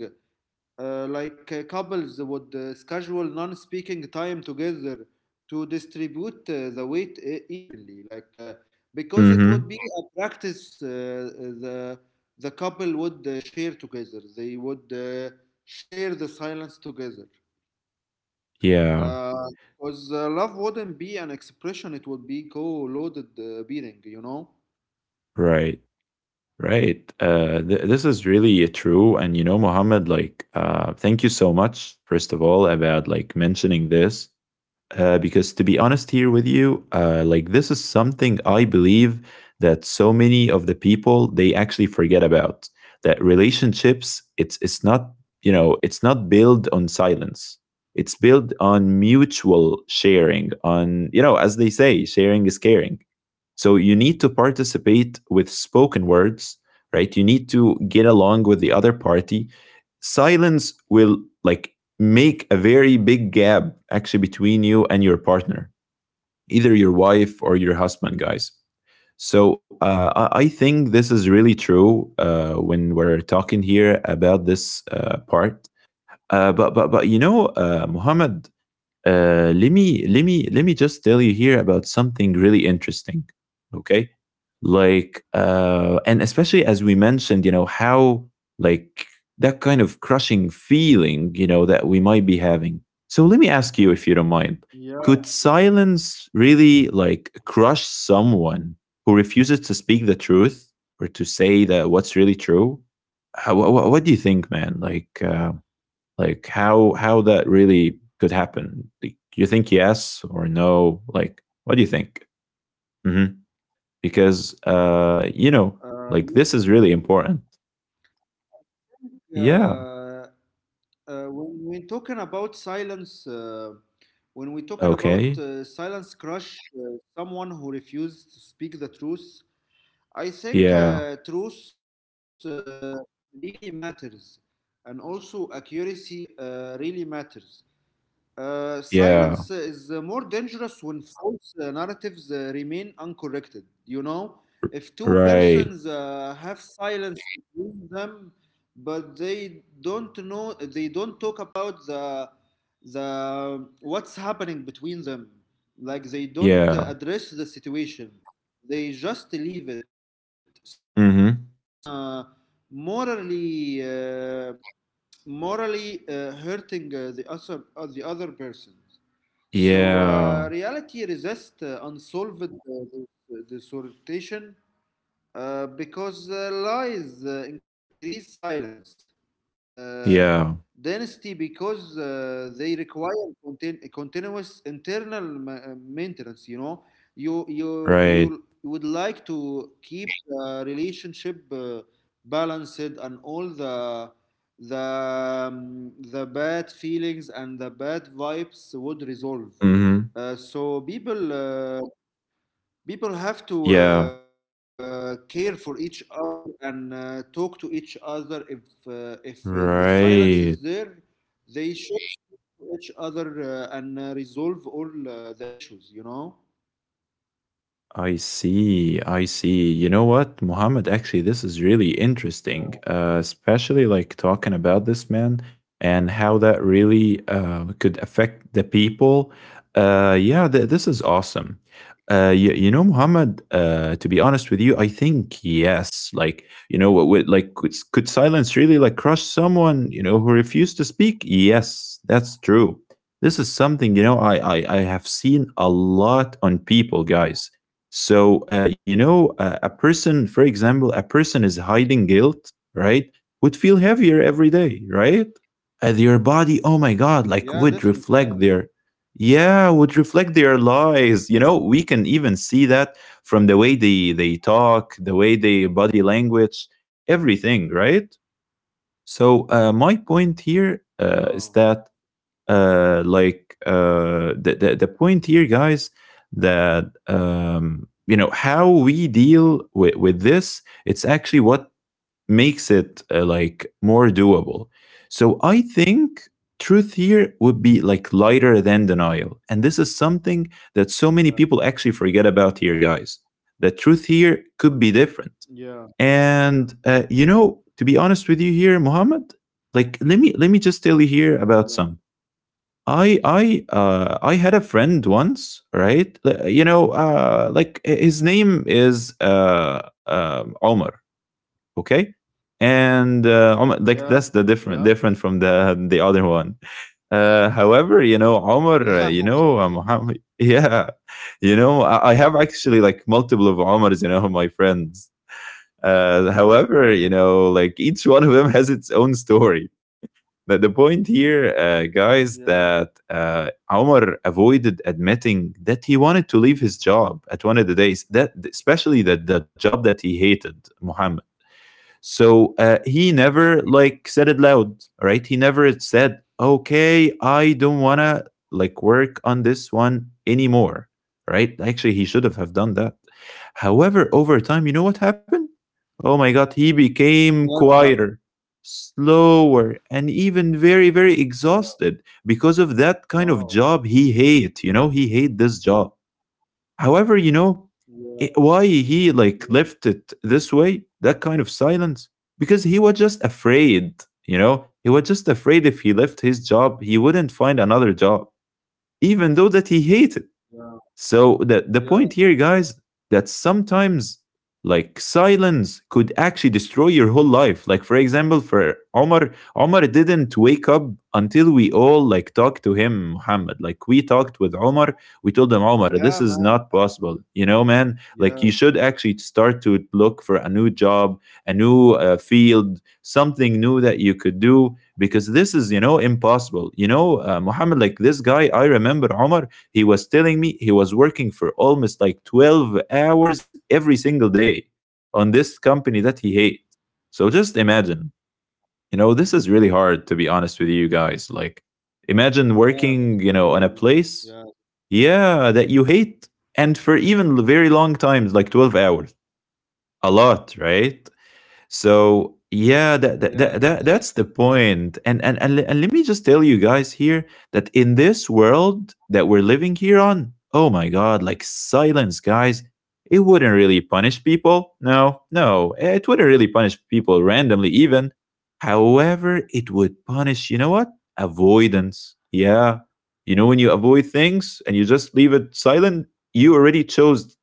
Speaker 2: uh, like uh, couples would uh, schedule non-speaking time together to distribute uh, the weight e- evenly, like uh, because it
Speaker 1: Mhm.
Speaker 2: would be a practice. Uh, the the couple would uh, share together, they would uh, share the silence together,
Speaker 1: Yeah,
Speaker 2: because uh, uh, love wouldn't be an expression, it would be co-loaded uh, bearing, you know?
Speaker 1: right, right. Uh, th This is really uh, true, and, you know, Mohammed, like, uh, thank you so much, first of all, about, like, mentioning this. Uh, because to be honest here with you, uh, like this is something I believe that so many of the people they actually forget about, that relationships, it's it's not, you know, it's not built on silence, it's built on mutual sharing, on, you know, as they say, sharing is caring. So you need to participate with spoken words, right? You need to get along with the other party. Silence will like make a very big gap actually between you and your partner, either your wife or your husband, guys. So uh, I- think this is really true uh, when we're talking here about this uh, part. Uh, but but but you know, uh, Muhammad, uh, let me let me let me just tell you here about something really interesting. Okay, like, uh, and especially as we mentioned, you know how, like, that kind of crushing feeling, you know, that we might be having. So let me ask you, if you don't mind,
Speaker 2: Yeah,
Speaker 1: could silence really like crush someone who refuses to speak the truth or to say that what's really true? How, what, what do you think, man? Like, uh, like how how that really could happen, like, do you think yes or no? Like what do you think mm-hmm. because uh you know
Speaker 2: uh,
Speaker 1: Like this is
Speaker 2: yes.
Speaker 1: really important. Yeah.
Speaker 2: Uh, uh, when we're talking about silence, uh, when we're talking
Speaker 1: Okay.
Speaker 2: about uh, silence crush, uh, someone who refuses to speak the truth, I think
Speaker 1: Yeah,
Speaker 2: uh, truth uh, really matters, and also accuracy uh, really matters. Uh, silence
Speaker 1: yeah.
Speaker 2: is uh, more dangerous when false uh, narratives uh, remain uncorrected. You know, if two
Speaker 1: Right.
Speaker 2: persons uh, have silence between them, but they don't know, they don't talk about the the what's happening between them. Like they don't uh,
Speaker 1: Yeah.
Speaker 2: address the situation, they just leave it. So silence
Speaker 1: Mm-hmm.
Speaker 2: become uh, morally uh, morally uh, hurting uh, the other uh, the other person. So
Speaker 1: Yeah,
Speaker 2: uh, reality resists uh, unsolved uh, the, the sortation uh, because uh, lies uh, increase silence Uh,
Speaker 1: yeah.
Speaker 2: density because uh, they require contin- continuous internal ma- uh, maintenance. You know, you you you
Speaker 1: Right.
Speaker 2: would like to keep the relationship uh, balanced, and all the the um, the bad feelings and the bad vibes would resolve.
Speaker 1: Mm-hmm.
Speaker 2: Uh, so people uh, People have to
Speaker 1: Yeah.
Speaker 2: uh, care for each other and uh, talk to each other. If uh, if uh, the silence is there,
Speaker 1: Right.
Speaker 2: they should to each other uh, and uh, resolve all uh, the issues. You know.
Speaker 1: I see, I see. You know what, Muhammad? Actually, this is really
Speaker 2: Yeah.
Speaker 1: interesting, uh, especially like talking about this, man, and how that really uh, could affect the people. Uh, yeah, th- this is awesome. Uh, you, you know, Muhammad, uh, to be honest with you, I think yes. Like, you know, what, would like, could, could silence really like crush someone, you know, who refused to speak? Yes, that's true. This is something, you know, I, I, I have seen a lot on people, guys. So, uh, you know, uh, a person, for example, a person is hiding guilt, right? Would feel heavier every day, right? Uh, their body, oh my God,
Speaker 2: Yeah.
Speaker 1: like would
Speaker 2: Definitely.
Speaker 1: reflect their, yeah, would reflect their lies. You know, we can even see that from the way they, they talk, the way they body language, everything, right? So, uh, my point
Speaker 2: Oh.
Speaker 1: here uh, is that uh, like uh, the, the the point here, guys, that um, you know how we deal with with this. It's actually what makes it uh, like more doable. So I think truth here would be like lighter than denial, and this is something that so many people
Speaker 2: Yeah.
Speaker 1: actually forget about here, guys. The truth here could be
Speaker 2: Yeah.
Speaker 1: different, and uh, you know, to be honest with you, here, Mohammed, like let me let me just tell you here about
Speaker 2: Yeah.
Speaker 1: some. I I uh, I had a friend once, right? L- You know, uh, like h- his name is uh, um Omar, okay? And
Speaker 2: Yeah.
Speaker 1: uh, Omar, like
Speaker 2: Yeah.
Speaker 1: that's the different different from the the other one. Uh, however, you know,
Speaker 2: Yeah.
Speaker 1: Omar, uh, you know, uh, Muhammad, yeah, you know, I, I have actually like multiple of Omars, you know, my friends. Uh, however, you know, like each one of them has its own story, but the point here, uh,
Speaker 2: Yeah.
Speaker 1: guys, that uh, Omar avoided admitting that he wanted to leave his job at one of the days, that especially that the job that he hated, Muhammad. So uh, he
Speaker 2: Mm.
Speaker 1: never like said it loud, right? He never said, "Okay, I don't wanna like work on this one anymore," right? Actually, he should have have done that. However, over time, you know what happened? Oh my God, he became
Speaker 2: What
Speaker 1: quieter,
Speaker 2: happened?
Speaker 1: slower, and even very, very exhausted because of that kind of job
Speaker 2: Wow.
Speaker 1: he hate. You know, he hate this job. However, you know, it- why
Speaker 2: Yeah.
Speaker 1: he like left
Speaker 2: Yeah.
Speaker 1: it this way, that kind of silence, because he was just afraid. You know, he was just afraid if he left his job, he wouldn't find another job, even though that he hated.
Speaker 2: Yeah.
Speaker 1: So the the point here,
Speaker 2: Yeah.
Speaker 1: guys, that sometimes like silence could actually destroy your whole life. Like for example, for Omar, Omar didn't wake up until we all like talked to him, Muhammad. Like we talked with Omar, we told him, Omar, this is
Speaker 2: Yeah,
Speaker 1: not
Speaker 2: man.
Speaker 1: possible. You know, man. Like you should
Speaker 2: Yeah.
Speaker 1: actually start to look for a new job, a new uh, field, something new that you could do because this is, you know, impossible. You know, uh, Muhammad. Like this guy, I remember Omar he was telling me he was working for almost like twelve hours every single day on this company that he hates. So just imagine, you know, this is really hard to be honest with you guys. Like,
Speaker 2: Yeah. This is
Speaker 1: imagine
Speaker 2: crazy.
Speaker 1: working, you
Speaker 2: Yeah.
Speaker 1: know, on a place, yeah, that you hate and for even very long times, like twelve hours. A lot, right? So yeah,
Speaker 2: Yes.
Speaker 1: that, that, that, that- that's the point point. and, and and le- and let me just tell you guys here that in this world that we're living here on, oh my god, like silence, guys, it wouldn't really punish people. No no it wouldn't really punish people randomly even. However, it would punish, you know what? Avoidance. Yeah, you know, when you avoid things and you just leave it silent, you already chose.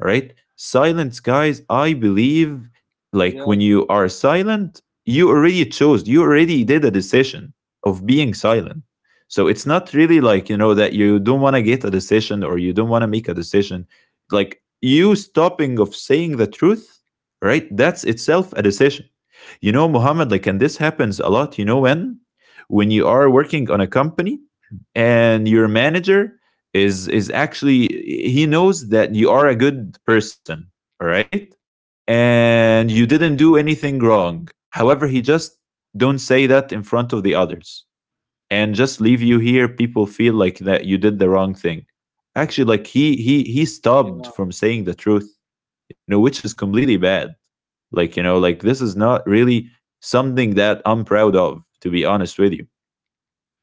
Speaker 1: All right. Silence, guys, I believe like when you are silent, you already chose, you already did a decision of being silent. So it's not really like, you know, that you don't want to get a decision or you don't want to make a decision. Like you stopping of saying the truth, right? That's itself a decision. You know, Muhammad, like, and this happens a lot, you know, when? When you are working on a company and your manager is is actually, he knows that you are a good person, all right? And you didn't do anything wrong. However, he just don't say that in front of the others and just leave you here people feel like that you did the wrong thing. Actually like he he he
Speaker 2: Yeah.
Speaker 1: stopped from saying the truth, you know, which is completely bad. Like, you know, like this is not really something that I'm proud of to be honest with you.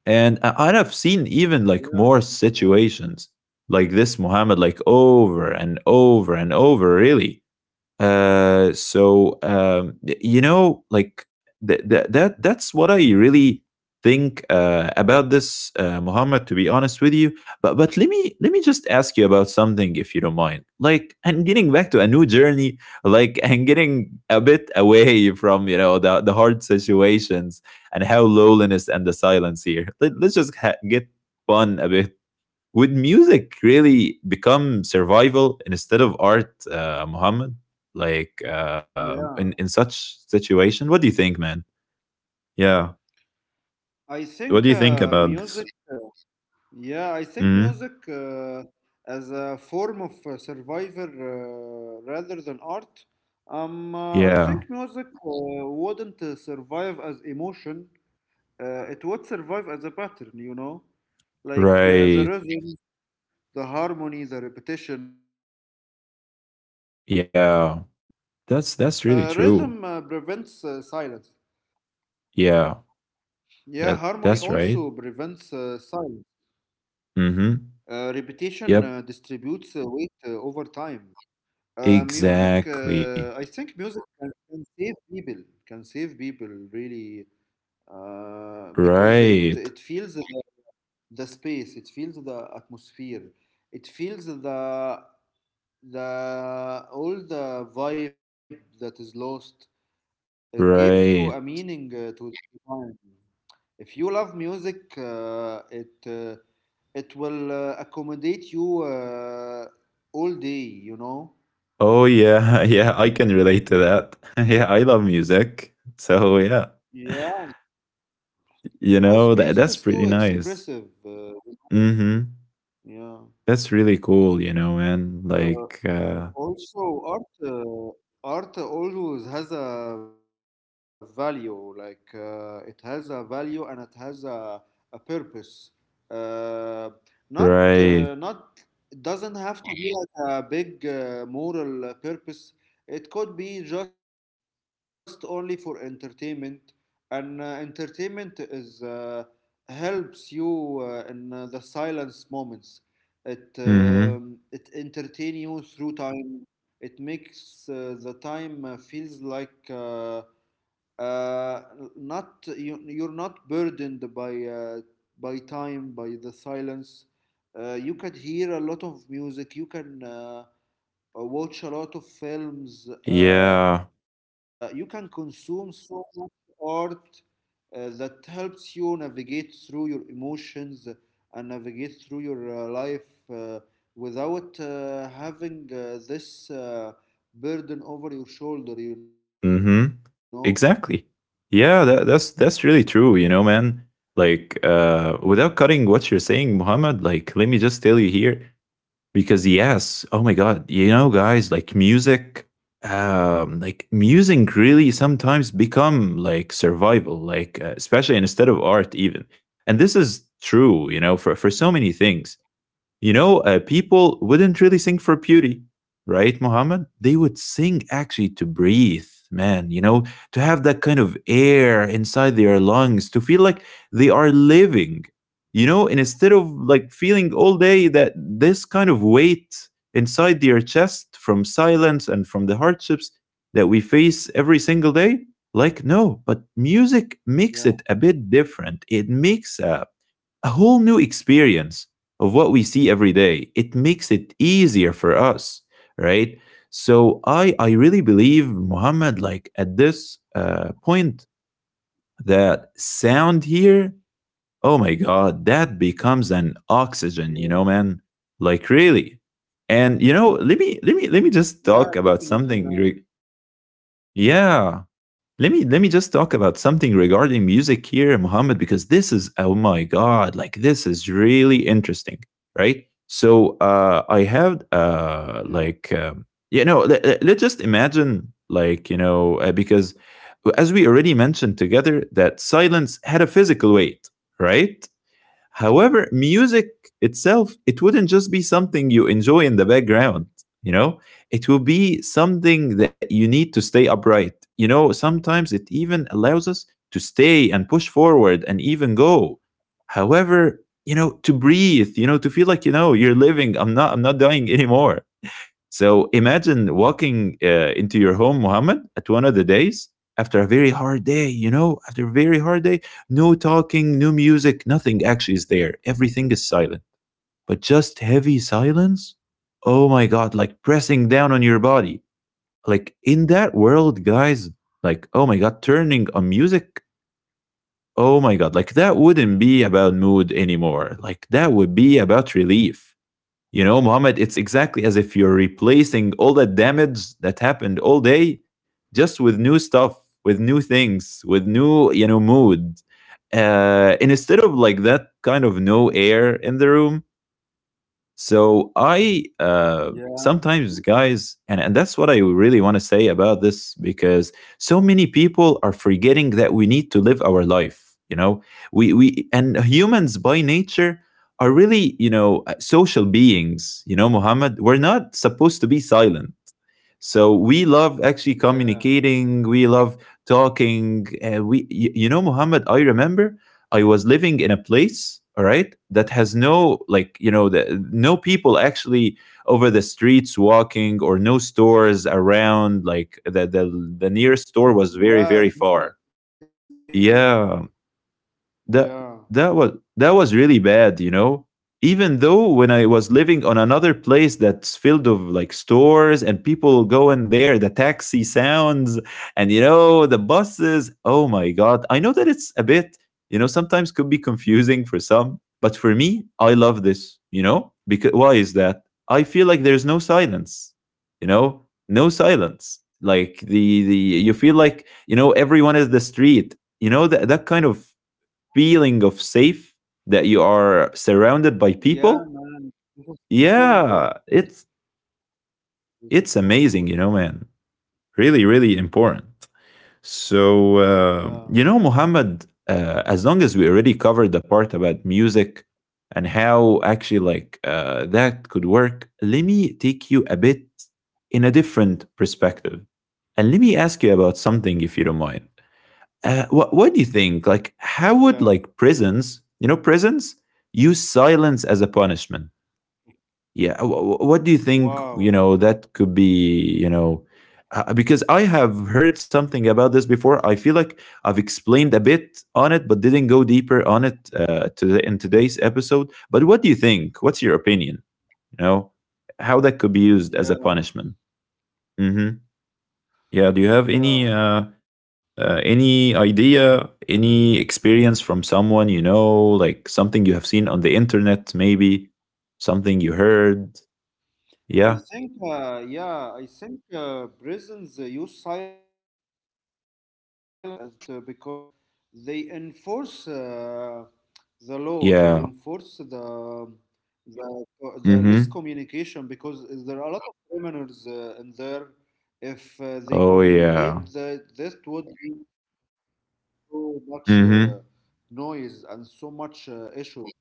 Speaker 1: And I- and I've seen
Speaker 2: Yeah,
Speaker 1: even
Speaker 2: definitely.
Speaker 1: like
Speaker 2: Yeah.
Speaker 1: more situations like this, Muhammad, like over and over and over, really. Uh, so um, y- you know, like th- th- that that's what I really think uh, about this, uh, Muhammad. To be honest with you, but but let me let me just ask you about something, if you don't mind. Like, and getting back to a new journey, like, and getting a bit away from, you know, the the hard situations and how loneliness and the silence here. Let, let's just ha- get fun a bit. Would music really become survival instead of art, uh, Muhammad? Like uh, in
Speaker 2: Yeah.
Speaker 1: in such situation, what do you think, man? Yeah,
Speaker 2: I think
Speaker 1: what do you think
Speaker 2: uh,
Speaker 1: about
Speaker 2: music.
Speaker 1: this?
Speaker 2: Uh, yeah, I think
Speaker 1: Mhm.
Speaker 2: music uh, as a form of uh, survivor uh, rather than art. Um, uh, I
Speaker 1: Yeah,
Speaker 2: think music uh, wouldn't uh, survive as emotion. Uh, it would survive as a pattern, you know, like uh, the
Speaker 1: right.
Speaker 2: rhythm, the harmony, the repetition. Uh, rhythm
Speaker 1: Yeah,
Speaker 2: uh, prevents
Speaker 1: that's
Speaker 2: uh,
Speaker 1: that's really
Speaker 2: silence.
Speaker 1: true.
Speaker 2: Yeah, harmony
Speaker 1: Yeah,
Speaker 2: also prevents
Speaker 1: that
Speaker 2: uh,
Speaker 1: that's
Speaker 2: silence.
Speaker 1: right.
Speaker 2: Uh, repetition uh,
Speaker 1: Mm-hmm.
Speaker 2: distributes uh, weight
Speaker 1: Yep,
Speaker 2: uh, over time. Uh, music, uh, I think music
Speaker 1: exactly.
Speaker 2: can, can save people, can save people really, uh, because it it feels
Speaker 1: Right,
Speaker 2: the, the space, it feels the atmosphere, it feels the the all the vibe that is lost. It gives you a meaning
Speaker 1: right.
Speaker 2: uh, to the time. If you love music, uh, it uh, it will uh, accommodate you uh, all day, you know.
Speaker 1: Oh yeah, yeah, I can relate to that. Yeah, I love music.
Speaker 2: Yeah.
Speaker 1: So yeah.
Speaker 2: Because music is too
Speaker 1: You know, that that's
Speaker 2: expressive.
Speaker 1: pretty
Speaker 2: Uh,
Speaker 1: nice. Mm-hmm.
Speaker 2: yeah.
Speaker 1: That's really cool, you know, man.
Speaker 2: Uh,
Speaker 1: Like uh
Speaker 2: Also, art uh, art always has a value. Like uh, it has a value and it has a, a purpose. Uh, not uh,
Speaker 1: right.
Speaker 2: not it doesn't have to be like a big uh, moral uh, purpose. It could be just only for entertainment, and uh, entertainment is uh, helps you uh, in uh, the silence moments. It um,
Speaker 1: Mm-hmm.
Speaker 2: it entertain you through time. It makes uh, the time uh, feels like uh, uh, not you, you're not burdened by uh, by time, by the silence. Uh, you can hear a lot of music. You can uh, uh, watch a lot of films.
Speaker 1: Yeah.
Speaker 2: Uh, you can consume so much art uh, that helps you navigate through your emotions and navigate through your uh, life uh, without uh, having uh, this uh, burden over your shoulder, you know?
Speaker 1: Mm-hmm. Exactly. Yeah, that, that's that's really true, you know, man. Like uh without cutting what you're saying, Muhammad, like let me just tell you here, because yes, oh my god, you know, guys, like music, um like music really sometimes become like survival, like uh, especially instead of art even. And this is true, you know, for for so many things. You know, uh, people wouldn't really sing for beauty, right, Muhammad? They would sing actually to breathe, man, you know, to have that kind of air inside their lungs, to feel like they are living, you know, and instead of like feeling all day that this kind of weight inside their chest from silence and from the hardships that we face every single day. Like, no, but music makes it a
Speaker 2: Yeah,
Speaker 1: bit different. It makes a a whole new experience of what we see every day. It makes it easier for us, right? So I I really believe, Muhammad, like at this uh, point, that sound here, oh my God, that becomes an oxygen, you know,
Speaker 2: yeah,
Speaker 1: man. Like really, and you know, let me let me let me just talk
Speaker 2: yeah,
Speaker 1: about
Speaker 2: definitely,
Speaker 1: something. re-
Speaker 2: man.
Speaker 1: Yeah, let me let me just talk about something regarding music here, Mohammed, because this is, oh my god, like this is really interesting, right? So uh, I have
Speaker 2: Yeah,
Speaker 1: uh, like um, you know, let, let's just imagine like, you know, uh, because as we already mentioned together that silence had a physical weight, right? However, music itself, it wouldn't just be something you enjoy in the background, you know? It will be something that you need to stay upright. You know, sometimes it even allows us to stay and push forward and even go. However, you know, to breathe, you know, to feel like, you know, you're living. I'm not I'm not dying anymore. So imagine walking uh, into your home, Muhammad, at one of the days after a very hard day, you know, after a very hard day, no talking, no music, nothing actually is there. Everything is silent, but just heavy silence. Oh my God, like pressing down on your body. Like in that world, guys, like, oh my God, turning on music. Oh my God, like that wouldn't be about mood anymore. Like that would be about relief. You know, Mohammed, it's exactly as if you're replacing all that damage that happened all day just with new stuff, with new things, with new, you know, mood. Uh, and instead of like that kind of no air in the room, so I uh,
Speaker 2: yeah,
Speaker 1: sometimes, guys, and, and that's what I really want to say about this because so many people are forgetting that we need to live our life. You know, we we and humans by nature are really, you know, uh, social beings. You know, Muhammad, we're not supposed to be silent, so we love actually
Speaker 2: yeah,
Speaker 1: communicating, we love talking, uh, we you, you know, Muhammad, I remember I was living in a place, all right, that has no, like, you know, the, no people actually over the streets walking, or no stores around. Like the, the the
Speaker 2: yeah.
Speaker 1: nearest
Speaker 2: This
Speaker 1: store
Speaker 2: is
Speaker 1: was very
Speaker 2: this is
Speaker 1: very
Speaker 2: crazy,
Speaker 1: far.
Speaker 2: man.
Speaker 1: Yeah.
Speaker 2: Yeah,
Speaker 1: that that was that was really bad, you know. Even though when I was living on another place that's filled of like stores and people going there, the taxi sounds, and, you know, the buses, oh my god, I know that it's a bit, you know, sometimes could be confusing for some. But for me, I love this, you know, because why is that? I feel like there's no silence, you know. No silence, like the the you feel like, you know, everyone is the street, you know, that that kind of feeling of safe, that you are surrounded by
Speaker 2: yeah,
Speaker 1: people.
Speaker 2: man. This is so important.
Speaker 1: Yeah, it's
Speaker 2: This is
Speaker 1: it's
Speaker 2: so
Speaker 1: amazing, you
Speaker 2: important.
Speaker 1: know, man. Really, really important.
Speaker 2: Yeah,
Speaker 1: So uh, you know, Muhammad, uh, as long as we already covered the part about music and how actually like uh, that could work, let me take you a bit in a different perspective, and let me ask you about something if you don't mind. Uh, what what do you think? Like, how would
Speaker 2: yeah.
Speaker 1: like prisons, you know, prisons use silence as a punishment? Yeah, wh- wh- what do you think? You know,
Speaker 2: Wow.
Speaker 1: that could be, you know, uh, because I have heard something about this before. I feel like I've explained a bit on it, but didn't go deeper on it uh, today, in today's episode. But what do you think? What's your opinion? You know, how that could be used as a
Speaker 2: Yeah,
Speaker 1: punishment? Hmm. Yeah. Do you have any
Speaker 2: yeah.
Speaker 1: uh, uh, any idea, any experience from someone you know, like something you have seen on the internet, maybe something you heard?
Speaker 2: I
Speaker 1: Yeah.
Speaker 2: think, uh, yeah, I think uh, prisons uh, use silence as punishment uh, because uh, they enforce uh, the law. They enforce
Speaker 1: Yeah.
Speaker 2: the the the less
Speaker 1: Mm-hmm.
Speaker 2: communication because there are a lot of criminals uh, in there. If uh, they
Speaker 1: Oh yeah.
Speaker 2: communicate, that this would be so much uh,
Speaker 1: Mm-hmm.
Speaker 2: noise and so much uh, issues.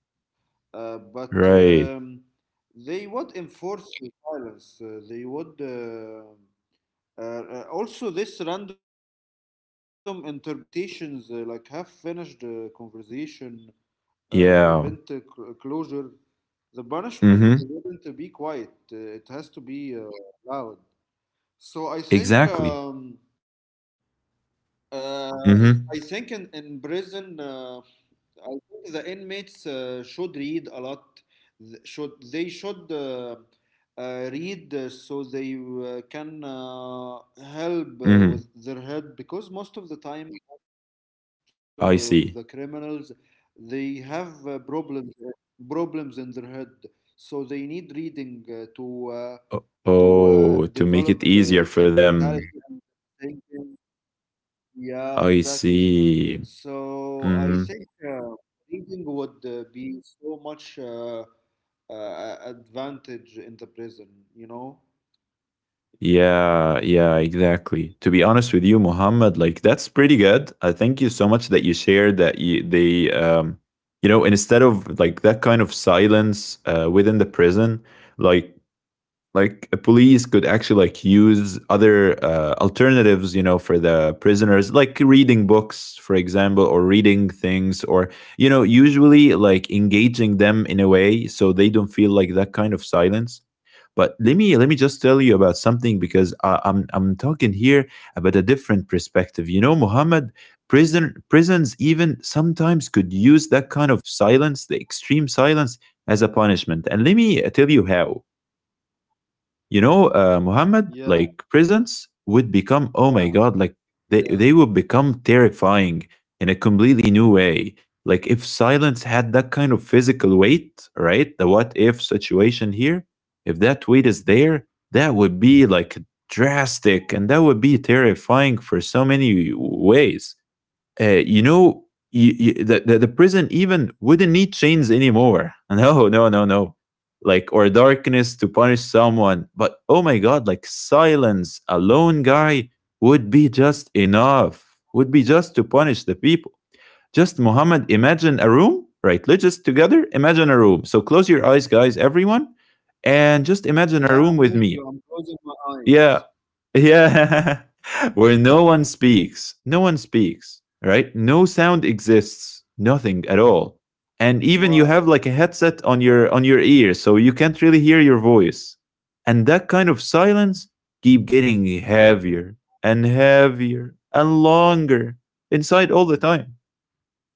Speaker 2: Uh, but um,
Speaker 1: Right.
Speaker 2: they would enforce the silence. Uh, they would uh, uh, uh, also this random interpretations, uh, like half finished uh, conversation, uh, prevent uh, cl- uh,
Speaker 1: Yeah.
Speaker 2: closure. The punishment wouldn't be
Speaker 1: Mm-hmm.
Speaker 2: quiet. Uh, it has to be uh, loud. So I think
Speaker 1: Exactly.
Speaker 2: um, uh, I think in
Speaker 1: Mm-hmm.
Speaker 2: in prison. Uh, I think the inmates uh, should read a lot. Th- Should they should uh, uh, read uh, so they uh, can uh, help uh,
Speaker 1: Mm-hmm.
Speaker 2: with their head because most of the time, most of the
Speaker 1: I
Speaker 2: criminals
Speaker 1: see.
Speaker 2: they have uh, problems problems in their head, so they need reading uh, to uh,
Speaker 1: O-
Speaker 2: to uh,
Speaker 1: Oh, to make
Speaker 2: develop
Speaker 1: it
Speaker 2: uh,
Speaker 1: easier for
Speaker 2: their
Speaker 1: them.
Speaker 2: mentality and thinking. Yeah,
Speaker 1: I
Speaker 2: exactly.
Speaker 1: see.
Speaker 2: So I
Speaker 1: Mm-hmm.
Speaker 2: think uh, reading would uh, be so much uh, uh, advantage in the prison, you know?
Speaker 1: Yeah, yeah, exactly. To be honest with you, Mohammed, like that's pretty good. I thank you so much that you shared that, you, they, um, you know, instead of like that kind of silence uh, within the prison, like like a police could actually like use other uh, alternatives, you know, for the prisoners, like reading books, for example, or reading things, or you know, usually like engaging them in a way so they don't feel like that kind of silence. But let me let me just tell you about something because I, I'm I'm talking here about a different perspective. You know, Muhammad, prison prisons even sometimes could use that kind of silence, the extreme silence, as a punishment. And let me tell you how, you know, uh, Muhammad, like prisons
Speaker 2: Yeah,
Speaker 1: would become, oh my God, like
Speaker 2: yeah,
Speaker 1: they, they would
Speaker 2: yeah.
Speaker 1: become terrifying in a completely new way. Like if silence had that kind of physical weight, right? The what if situation here, if that weight is there, that would be like drastic, and that would be terrifying for so many ways, uh, you know, you, you, the, the the prison even wouldn't need chains anymore. No, no, no, no. Like or darkness to punish someone, but oh my god, like silence, a lone guy would be just enough. Would be just to punish the people. Just Muhammad, imagine a room, right? Let's just together imagine a room. So close your eyes, guys, everyone, and just imagine a room with me.
Speaker 2: Yeah, I'm with you. I'm
Speaker 1: Yeah,
Speaker 2: closing my eyes.
Speaker 1: yeah. Where no one speaks. No one speaks, right? No sound exists. Nothing at all. And even you have like a
Speaker 2: Wow,
Speaker 1: headset on your on your
Speaker 2: wow.
Speaker 1: ear, so you can't really hear your voice. And that kind of silence keep getting heavier and heavier and longer inside all the time.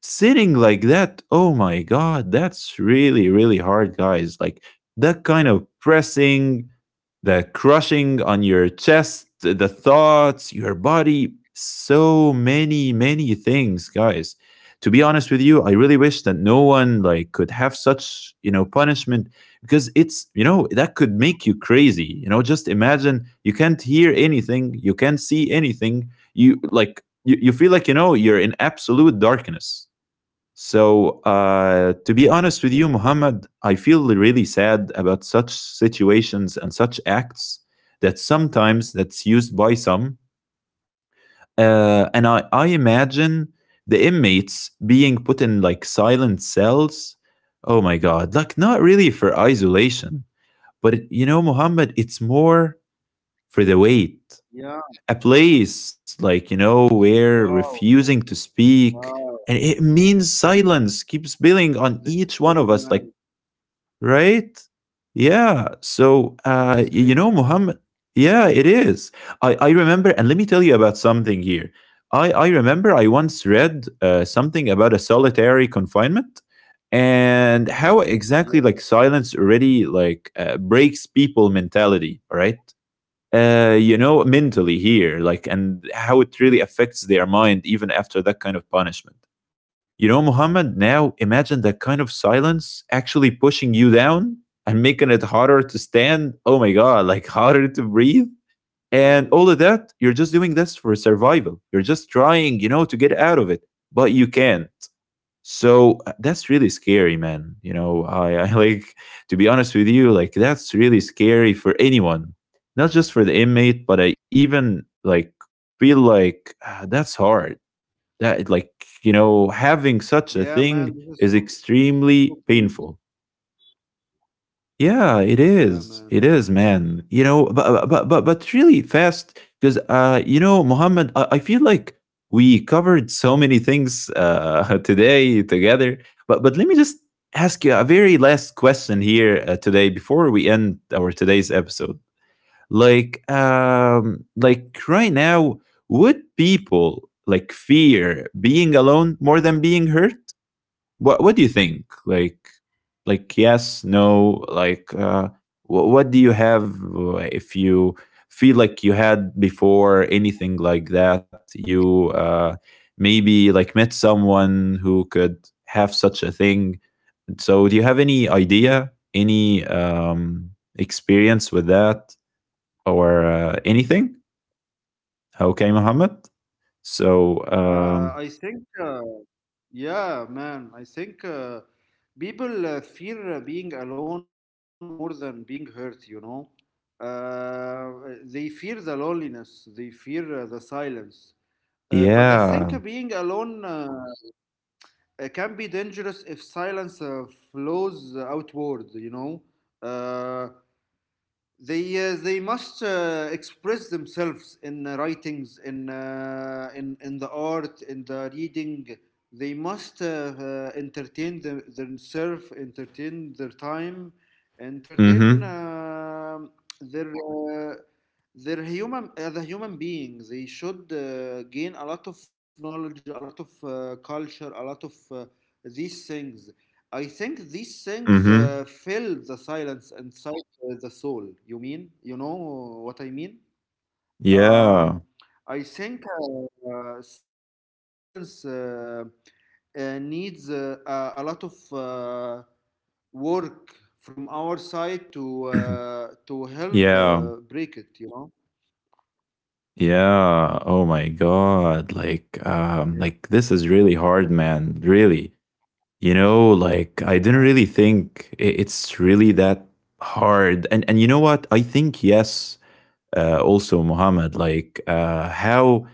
Speaker 1: Sitting like that, oh my god, that's really, really hard, guys. Like that kind of pressing, the crushing on your chest, the thoughts, your body, so many, many things, guys. To be honest with you, I really wish that no one like could have such, you know, punishment, because it's, you know, that could make you crazy. You know, just imagine you can't hear anything, you can't see anything. You like you, you feel like, you know, you're in absolute darkness. So, uh, to be honest with you, Muhammad, I feel really sad about such situations and such acts that sometimes that's used by some. Uh, and I, I imagine the inmates being put in like silent cells. Oh my God, like not really for isolation, but it, you know, Muhammad, it's more for the weight,
Speaker 2: Yeah,
Speaker 1: a place, like, you know, where
Speaker 2: wow,
Speaker 1: refusing to
Speaker 2: wow.
Speaker 1: speak and it means silence keeps
Speaker 2: This is
Speaker 1: building
Speaker 2: crazy,
Speaker 1: on each
Speaker 2: man.
Speaker 1: one of us, like, right. Yeah. So
Speaker 2: This is
Speaker 1: uh y-
Speaker 2: crazy.
Speaker 1: you know, Muhammad, yeah, it is. I i remember, and let me tell you about something here, i i remember I once read uh, something about a solitary confinement and how exactly like
Speaker 2: Yeah,
Speaker 1: silence already like uh, breaks people mentality, right? Uh, you know, mentally here, like, and how it really affects their mind even after that kind of punishment. You know, Muhammad, now imagine that kind of silence actually pushing you down and making it harder to stand. Oh my God, like harder to breathe. And all of
Speaker 2: yeah.
Speaker 1: that, you're just doing this for survival. You're just trying, you know, to get out of it, but you can. So uh, that's really scary, man. You know, I, I like, to be honest with you, like that's really scary for anyone, not just for the inmate, but I even like feel like ah, that's hard. That, like, you know,
Speaker 2: Yeah, man,
Speaker 1: having
Speaker 2: this is
Speaker 1: such a
Speaker 2: so,
Speaker 1: thing is
Speaker 2: so crazy.
Speaker 1: extremely painful. Yeah,
Speaker 2: Yeah,
Speaker 1: it
Speaker 2: man.
Speaker 1: is. It is, man. You know, but uh, but but but really fast because uh, you know, Mohammed, I, I feel like we covered so many things uh today together. But but let me just ask you a very last question here uh, today before we end our today's episode. Like um, like right now, would people like fear being alone more than being hurt? what what do you think? Like like yes, no, like uh what, what do you have uh, if you feel like you had before anything like that? You uh maybe like met someone who could have such a thing. So do you have any idea, any um experience with that or uh, anything? Okay, Mohammed. So um
Speaker 2: Uh, I think uh, Yeah, man. I think uh, people uh, fear uh, being alone more than being hurt, you know. Uh, they fear the loneliness, they fear uh, the silence. Uh, but I think
Speaker 1: yeah.
Speaker 2: uh, being alone uh, uh, can be dangerous if silence uh, flows outward, you know. Uh, they uh, they must uh, express themselves in uh, writings, in uh, in in the art, in the reading. They must uh, uh, entertain them, themselves, entertain their time, entertain
Speaker 1: Mhm.
Speaker 2: uh, their uh, they're human, uh, the human beings. They should uh, gain a lot of knowledge, a lot of uh, culture, a lot of uh, these things. I think these things
Speaker 1: Mhm.
Speaker 2: uh, fill the silence inside uh, the soul, you mean, you know what I mean?
Speaker 1: Yeah.
Speaker 2: Um, I think uh, uh, Silence uh, uh, needs uh, a, a lot of uh, work from our side to uh, to help uh,
Speaker 1: Yeah.
Speaker 2: break it, you know? Mm.
Speaker 1: Yeah. Oh my god. Like um
Speaker 2: Yeah,
Speaker 1: like
Speaker 2: yes,
Speaker 1: this is really hard,
Speaker 2: yes,
Speaker 1: man. Really. You know, like I
Speaker 2: yeah,
Speaker 1: didn't really think i- it's really that hard. And and you know what? I think yes, uh also Muhammad, like uh how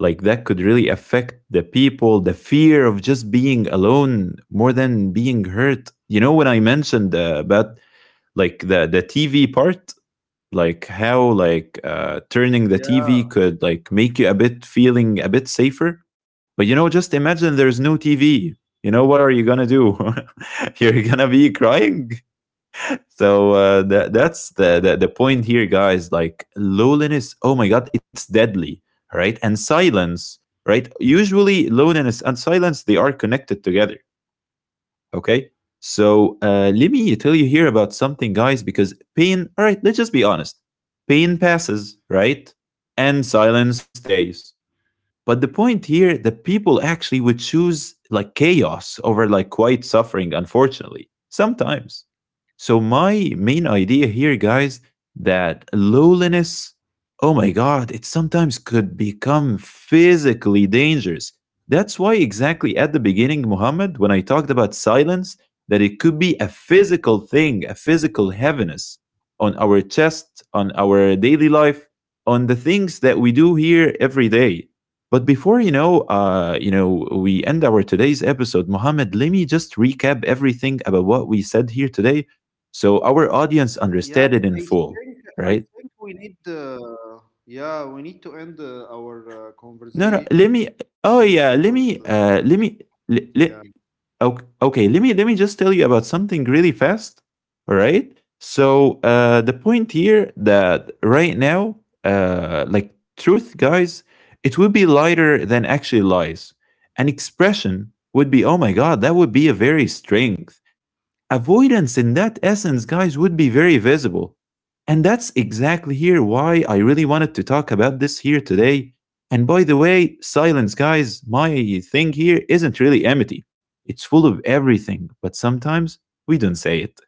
Speaker 1: like that could really affect the people, the fear of just being alone more than being hurt. You know when I mentioned uh, about like the the T V part, like how like uh, turning the T V could like make
Speaker 2: yeah,
Speaker 1: you a bit feeling a bit safer. But you know, just imagine there's no T V. You know what are you gonna do? You're gonna be crying. So uh, that that's the, the the point here, guys. Like loneliness. Oh my God, it's deadly, right? And silence, right? Usually loneliness and silence they are connected together. Okay. So uh, let me tell you here about something, guys, because pain, all right, let's just be honest. Pain passes, right? And silence stays. But the point here that people actually would choose like chaos over like quiet suffering, unfortunately, sometimes. So my main idea here, guys, that loneliness, oh my god, it sometimes could become physically dangerous. That's why exactly at the beginning, Muhammad, when I talked about silence, that it could be a physical thing, a physical heaviness on our chest, on our daily life, on the things that we do here every day. But before, you know, uh, you know, we end our today's episode, Mohammed. Let me just recap everything about what we said here today, so our audience understand it in full,
Speaker 2: yeah. I
Speaker 1: right?
Speaker 2: think I think we need uh, yeah, we need to end uh, our
Speaker 1: No, no.
Speaker 2: uh,
Speaker 1: Let me. Oh
Speaker 2: conversation
Speaker 1: yeah. Let
Speaker 2: because
Speaker 1: me.
Speaker 2: uh,
Speaker 1: Uh, let me. Let,
Speaker 2: yeah,
Speaker 1: let, okay, okay. Let me. Let me just tell you about something really fast. All right. So uh, the point here that right now, uh, like truth, guys, it would be lighter than actually lies. An expression would be, oh my god, that would be a very strength avoidance in that essence, guys, would be very visible. And that's exactly here why I really wanted to talk about this here today. And by the way, silence, guys, my thing here isn't really empty. It's full of everything, but sometimes we don't say it.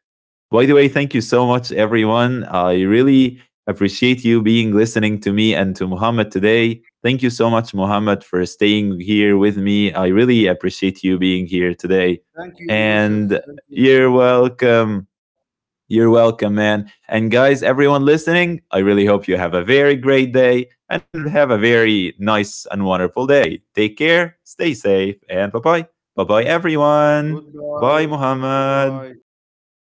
Speaker 1: By the way, thank you so much, everyone.
Speaker 2: yeah,
Speaker 1: I
Speaker 2: definitely.
Speaker 1: really appreciate you being
Speaker 2: Thank
Speaker 1: listening to
Speaker 2: you
Speaker 1: me
Speaker 2: so
Speaker 1: and to
Speaker 2: much.
Speaker 1: Muhammad today. Thank you so much, Muhammad, for staying here with me. I really appreciate you being here today. And you're
Speaker 2: Thank you, Yusuf.
Speaker 1: welcome.
Speaker 2: Thank you so much.
Speaker 1: You're welcome, man. And guys, everyone listening, I really hope you have a very great day and have a very nice and wonderful day. Take care, stay safe, and bye bye. Bye bye, everyone. Bye,
Speaker 2: Goodbye.
Speaker 1: Muhammad.
Speaker 2: Goodbye.